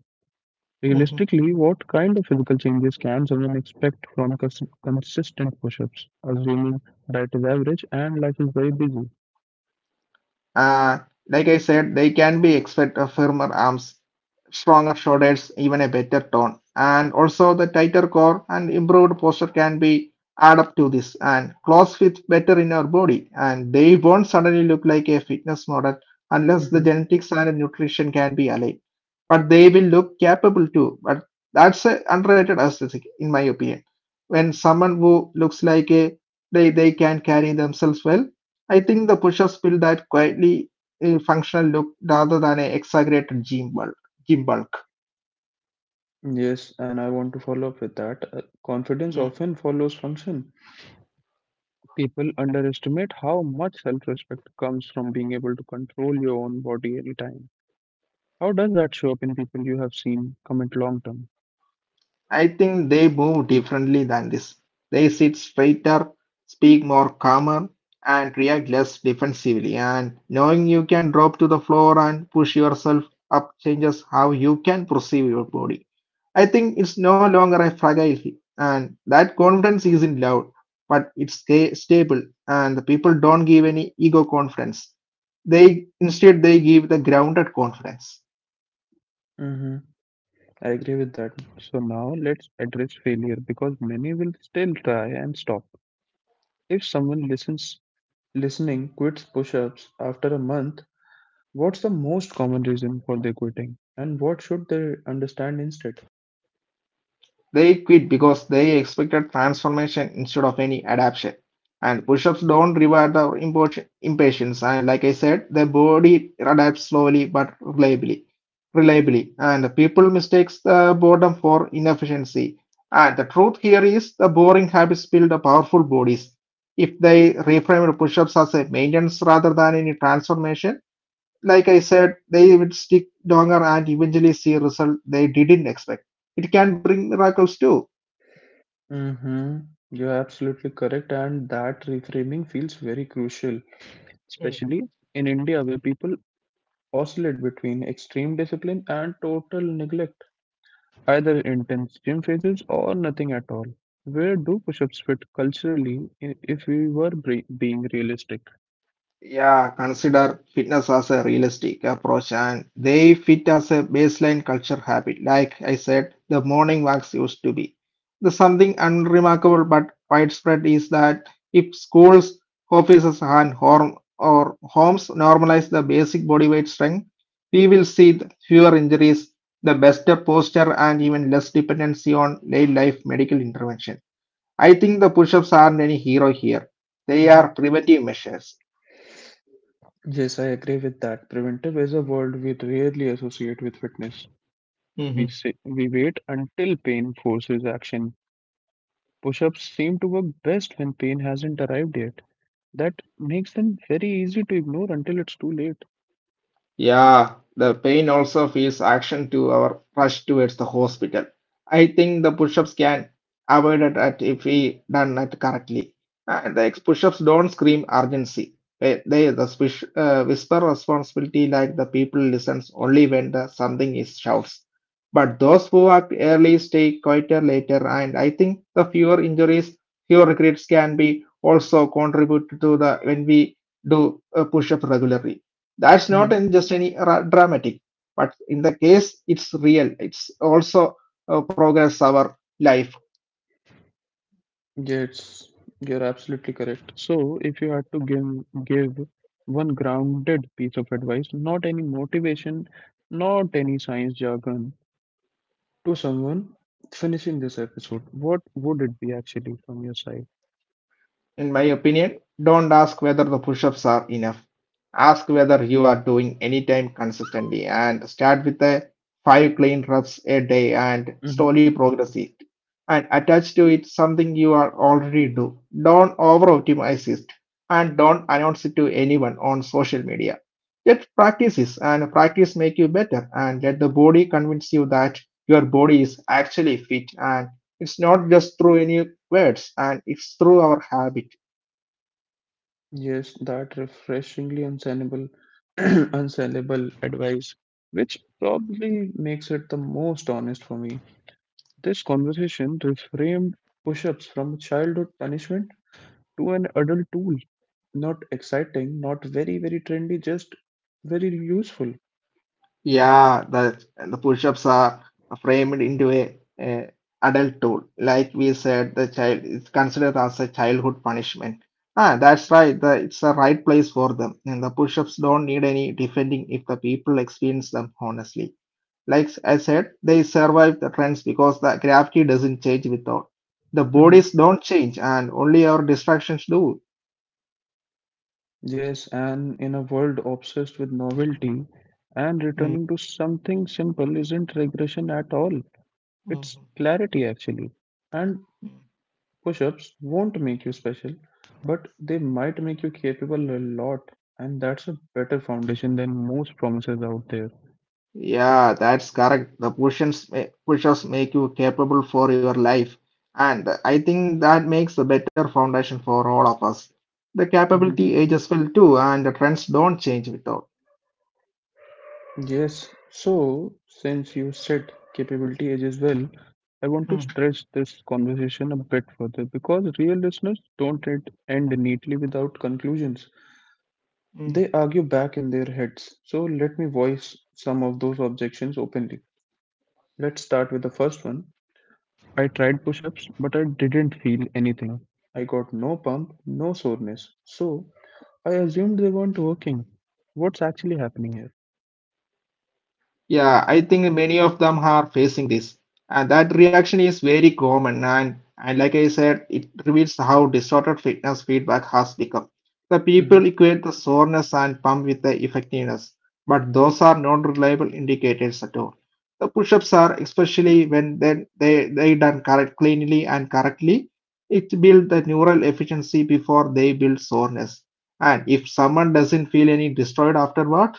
Speaker 2: Mhm.
Speaker 1: Realistically, what kind of physical changes can someone expect from consistent push-ups, assuming diet is average and life is very busy?
Speaker 2: Uh, like I said, they can be expect a firmer arms, stronger shoulders, even a better tone. And also the tighter core and improved posture can be add up to this, and clothes fit better in our body, and they won't suddenly look like a fitness model unless the
Speaker 1: Hmm.
Speaker 2: genetics and nutrition can be aligned. But they will look capable too. But that's a underrated aesthetic in my opinion. When someone who looks like a they can carry themselves well. I think the push-ups build that quietly, functional look rather than an exaggerated gym bulk. Gym bulk.
Speaker 1: Yes, and I want to follow up with that. Confidence often follows function. People underestimate how much self-respect comes from being able to control your own body anytime. How does that show up in people you have seen commit long term?
Speaker 2: I think they move differently than this. They sit straighter, speak more calmer, and react less defensively. And knowing you can drop to the floor and push yourself up changes how you can perceive your body. I think it's no longer a fragile hit, and that confidence isn't loud, but it's stable, and the people don't give any ego confidence. They instead they give the grounded confidence.
Speaker 1: Mm-hmm. I agree with that. So now let's address failure because many will still try and stop. If someone listening quits push ups after a month, what's the most common reason for their quitting, and what should they understand instead?
Speaker 2: They quit because they expected transformation instead of any adaptation. And push ups don't reward the impatience. And like I said, the body adapts slowly but reliably. And the people mistakes the boredom for inefficiency. And the truth here is the boring habits build the powerful bodies. If they reframe the push ups as a maintenance rather than any transformation, like I said, they would stick longer and eventually see result they didn't expect. It can bring miracles too.
Speaker 1: Mm-hmm. You're absolutely correct, and that reframing feels very crucial.
Speaker 2: Mhm.
Speaker 1: Especially in India, where people oscillate between extreme discipline and total neglect. Either intense gym phases or nothing at all. Where do push ups fit culturally if we were being realistic?
Speaker 2: Yeah, consider fitness as a realistic approach and they fit as a baseline culture habit. Like I said, the morning walks used to be. The something unremarkable but widespread is that if schools, offices, and home or homes normalize the basic body weight strength, we will see the fewer injuries, the better posture, and even less dependency on late life medical intervention. I think the push ups aren't any hero here. They are
Speaker 1: Mhm.
Speaker 2: preventive measures.
Speaker 1: Yes, I agree with that. Preventive is a word we rarely associate with fitness. We,
Speaker 2: Mhm.
Speaker 1: say, we wait until pain forces action. Push ups seem to work best when pain hasn't arrived yet. That makes them very easy to ignore until it's too late.
Speaker 2: Yeah, the pain also feels action to our rush towards the hospital. I think the push-ups can avoid it at if we done it correctly. And the push-ups don't scream urgency. They whisper responsibility like the people listens only when the something is shouts. But those who act early stay quieter later, and I think the fewer injuries, fewer regrets can be also contributed to the when we do a push-up regularly that's not in just any dramatic but in the case it's real it's also progress our life.
Speaker 1: Yes, you're absolutely correct. So, if you had to give one grounded piece of advice, not any motivation, not any science jargon, to someone finishing this episode, what would it be actually from your side?
Speaker 2: In my opinion, don't ask whether the push ups are enough. Ask whether you are doing any time consistently and start with a 5 clean reps a day and
Speaker 1: Mhm.
Speaker 2: slowly progress it. And attach to it something you are already do. Don't over optimize it and don't announce it to anyone on social media. Let practice is and practice make you better and let the body convince you that your body is actually fit and it's not just through any words, and it's through our habit.
Speaker 1: Yes, that refreshingly unsellable, unsellable advice, which probably makes it the most honest for me. This conversation reframed push-ups from childhood punishment to an adult tool. Not exciting, not very, very trendy, just very useful.
Speaker 2: Yeah, the push-ups are framed into a adult tool. Like we said, the child is considered as a childhood punishment. Ah, that's right. The, it's the right place for them, and the push-ups don't need any defending if the people experience them honestly. Like I said, they survive the trends because the gravity doesn't change without. The
Speaker 1: Mhm.
Speaker 2: bodies don't change, and only our distractions do.
Speaker 1: Yes, and in a world obsessed with novelty, and
Speaker 2: Mm,
Speaker 1: returning to something simple isn't regression at all. It's
Speaker 2: mm.
Speaker 1: clarity, actually. And push ups won't make you special, but they might make you capable a lot, and that's a better foundation than most promises out there.
Speaker 2: Yeah, that's correct. The push-ups, push-ups make you capable for your life. And I think that makes a better foundation for all of us. The capability ages well too, and the trends don't change without.
Speaker 1: Yes, so since you said capability age as well, I want to
Speaker 2: Mm,
Speaker 1: stretch this conversation a bit further because real listeners don't end neatly without conclusions.
Speaker 2: mm.
Speaker 1: They argue back in their heads. So let me voice some of those objections openly. Let's start with the first one. I tried push ups, but I didn't feel anything. I got no pump, no soreness. So I assumed they weren't working. What's actually happening here?
Speaker 2: Yeah, I think many of them are facing this. And that reaction is very common. And like I said, it reveals how distorted fitness feedback has become. The people equate the soreness and pump with the effectiveness, but those are not reliable indicators at all. The push ups are, especially when they done correct, cleanly and correctly, it builds the neural efficiency before they build soreness. And if someone doesn't feel any destroyed afterward,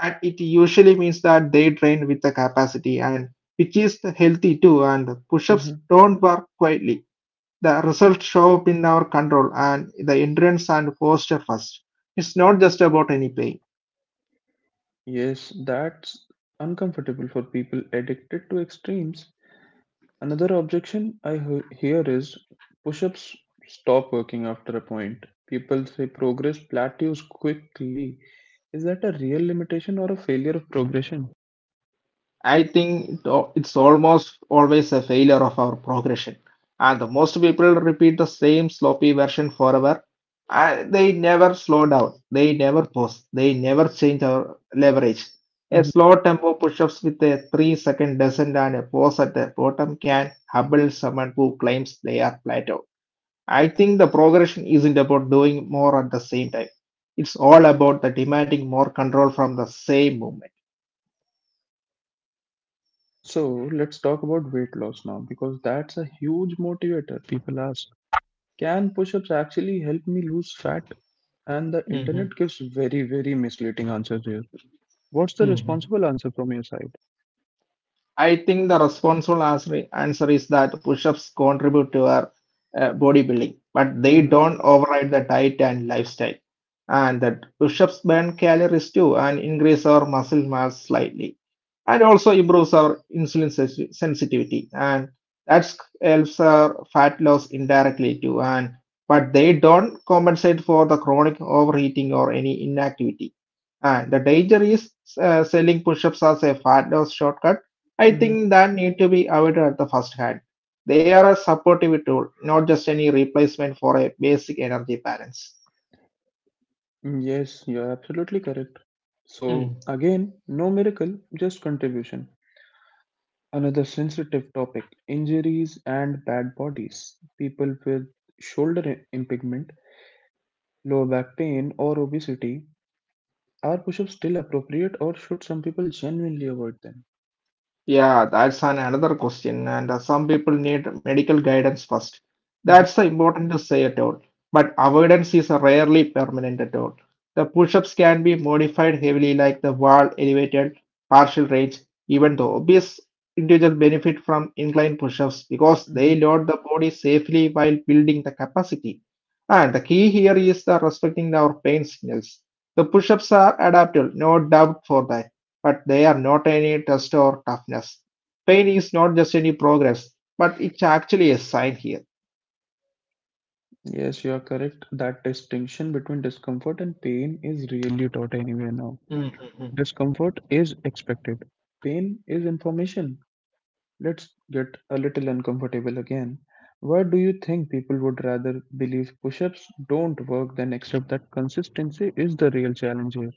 Speaker 2: and it usually means that they train with the capacity and which is healthy too and push-ups
Speaker 1: Mhm.
Speaker 2: don't work quietly. The results show up in our control and the endurance and posture first. It's not just about any pain.
Speaker 1: Yes, that's uncomfortable for people addicted to extremes. Another objection I hear is push ups stop working after a point. People say progress plateaus quickly. Is that a real limitation or a failure of progression?
Speaker 2: I think it al- it's almost always a failure of our progression. And the most people repeat the same sloppy version forever. And they never slow down. They never pause. They never change our leverage. A
Speaker 1: Mhm.
Speaker 2: slow tempo push-ups with a 3-second descent and a pause at the bottom can humble someone who claims they are plateaued. I think the progression isn't about doing more at the same time. It's all about the demanding more control from the same
Speaker 1: So let's talk about weight loss now because that's a huge motivator. People ask, can push ups actually help me lose fat? And the
Speaker 2: movement.
Speaker 1: internet gives very, very misleading answers here. What's the
Speaker 2: hmm
Speaker 1: responsible answer from your side?
Speaker 2: I think the responsible answer is that push-ups contribute to our bodybuilding, but they
Speaker 1: Mhm.
Speaker 2: don't override the diet and lifestyle. And that push-ups burn calories too and increase our muscle mass slightly, and also improves our insulin sensitivity, and that helps our fat loss indirectly too. And but they don't compensate for the chronic overeating or any inactivity. And the danger is selling push-ups as a fat loss shortcut. I
Speaker 1: Mhm.
Speaker 2: think that need to be avoided at the first hand. They are a supportive tool, not just any replacement for a basic energy balance.
Speaker 1: Yes, you're absolutely correct. So, again, no miracle, just contribution. Another sensitive topic: injuries and bad bodies. People with shoulder impingement, lower back pain, or obesity, are push ups still appropriate, or should some people genuinely avoid them?
Speaker 2: Yeah, that's an another question, and some people need medical guidance first.
Speaker 1: Mhm.
Speaker 2: That's important to say at all. But avoidance is rarely permanent at all. The push-ups can be modified heavily, like the wall elevated, partial range, even though obvious individuals benefit from incline push-ups because
Speaker 1: Mhm.
Speaker 2: they load the body safely while building the capacity. And the key here is the respecting our pain signals. The push-ups are adaptable, no doubt for that, but they are not any test or toughness. Pain is not just any progress, but it's actually a sign here.
Speaker 1: Yes, you are correct. That distinction between discomfort and pain is really taught anywhere now.
Speaker 2: Mm-hmm.
Speaker 1: Discomfort is expected, pain is information. Let's get a little uncomfortable again. Why do you think people would rather believe push ups don't work than accept that consistency is the real challenge here?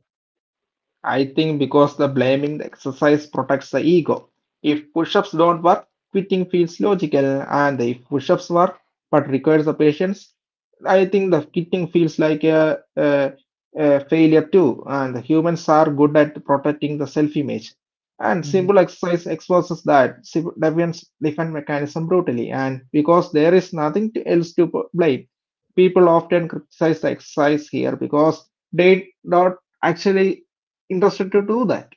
Speaker 2: I think because the blaming the exercise protects the ego. If push ups don't work, quitting feels logical, and if push ups work but requires the patience, I think the quitting feels like a failure too. And the humans are good at protecting the self image. And
Speaker 1: Mhm.
Speaker 2: simple exercise exposes that defense mechanism brutally. And because there is nothing else to blame, people often criticize the exercise here because they don't actually interested to do that.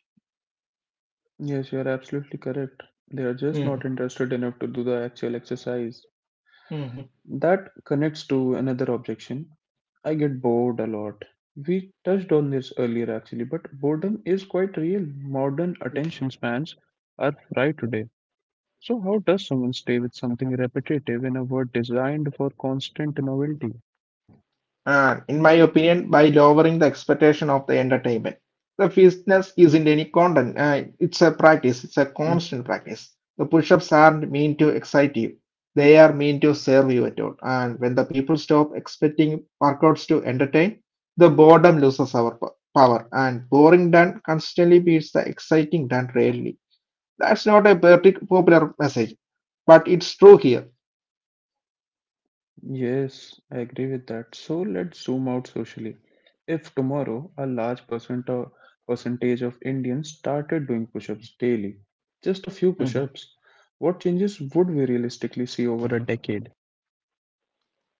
Speaker 1: Yes, you are absolutely correct. They are just not
Speaker 2: Mm,
Speaker 1: interested enough to do the actual exercise.
Speaker 2: mhm,
Speaker 1: That connects to another objection. I get bored a lot. We touched on this earlier actually, but boredom is quite real. Modern
Speaker 2: mm,
Speaker 1: attention spans are fried today. So, how does someone stay with something repetitive in a world designed for constant novelty?
Speaker 2: and in my opinion, by lowering the expectation of the entertainment, the fitness isn't any content. It's a practice. It's a
Speaker 1: Mhm.
Speaker 2: constant practice. The push-ups aren't meant to excite you. They are meant to serve you at all. And when the people stop expecting workouts to entertain, the boredom loses our power. And boring done constantly beats the exciting done rarely. That's not a popular message, but it's true here.
Speaker 1: Yes, I agree with that. So let's zoom out socially. If tomorrow a large percentage of Indians started doing push ups daily, just a few push ups, what changes would we realistically see over a decade?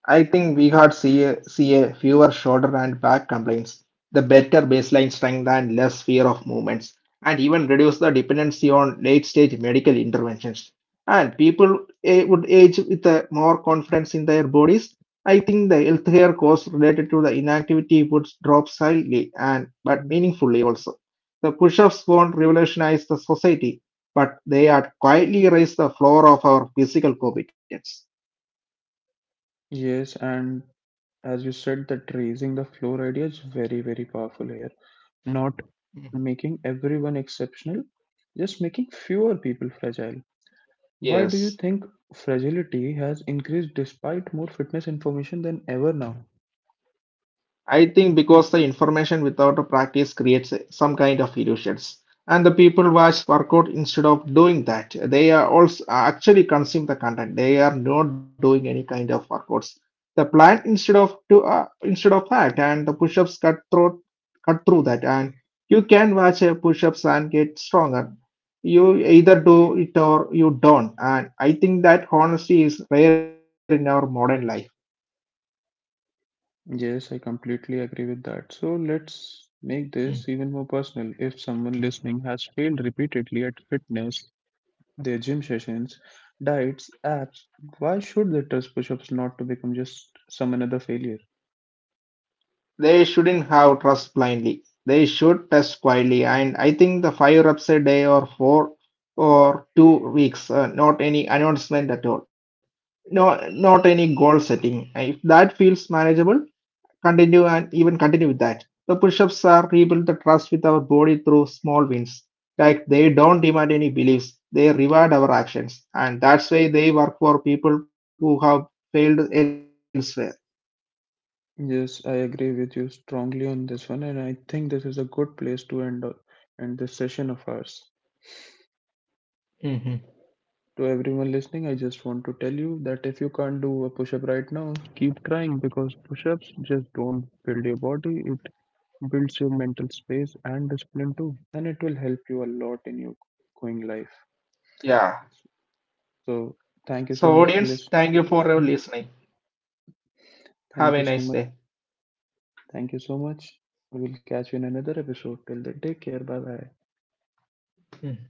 Speaker 2: I think we had see a fewer shoulder and back complaints, the better baseline strength and less fear of movements, and even reduce the dependency on late stage medical interventions. And people would age with a more confidence in their bodies. I think the healthcare costs related to the inactivity would drop slightly and but
Speaker 1: Mhm.
Speaker 2: meaningfully also. The push-ups won't revolutionize the society, but they are quietly raise the floor of our physical competence.
Speaker 1: Yes, and as you said, that raising the floor idea is very, very powerful here. Not making everyone exceptional, just making fewer people fragile. Why do you
Speaker 2: Yes.
Speaker 1: think fragility has increased despite more fitness information than ever now?
Speaker 2: I think because the information without a practice creates some kind of illusions. And the people watch workout instead of doing that. They are also actually consume the content. They are not doing any kind of workouts. The plan instead of to instead of that, and the push-ups cut through that, and you can watch a push-ups and get stronger. You either do it or you don't. And I think that honesty is rare in our modern life.
Speaker 1: Yes, I completely agree with that. So let's make this even more personal. If someone listening has failed repeatedly at fitness, their gym sessions, diets, apps, why should they trust push-ups not to become just some another failure?
Speaker 2: They shouldn't have trust blindly. They should test quietly. And I think the 5 reps a day or 4 or 2 weeks, not any announcement at all. No, not any goal setting. If that feels manageable, continue and even continue with that. The push-ups are rebuild the trust with our body through small wins. Like they don't demand any beliefs. They reward our actions. And that's why they work for people who have failed elsewhere.
Speaker 1: Yes, I agree with you strongly on this one, and I think this is a good place to end this session of ours.
Speaker 2: hmm
Speaker 1: To everyone listening, I just want to tell you that if you can't do a push-up right now, keep trying because push-ups just don't build your body, it builds your mental space and discipline too, and it will help you a lot in your going life.
Speaker 2: Yeah.
Speaker 1: So thank you so
Speaker 2: So
Speaker 1: much for
Speaker 2: audience,
Speaker 1: listening.
Speaker 2: thank you for your listening. Have
Speaker 1: Thank
Speaker 2: a
Speaker 1: you so
Speaker 2: nice
Speaker 1: much.
Speaker 2: day.
Speaker 1: Thank you so much. We will catch you in another episode. Till then, take care. Bye bye.
Speaker 2: Mm.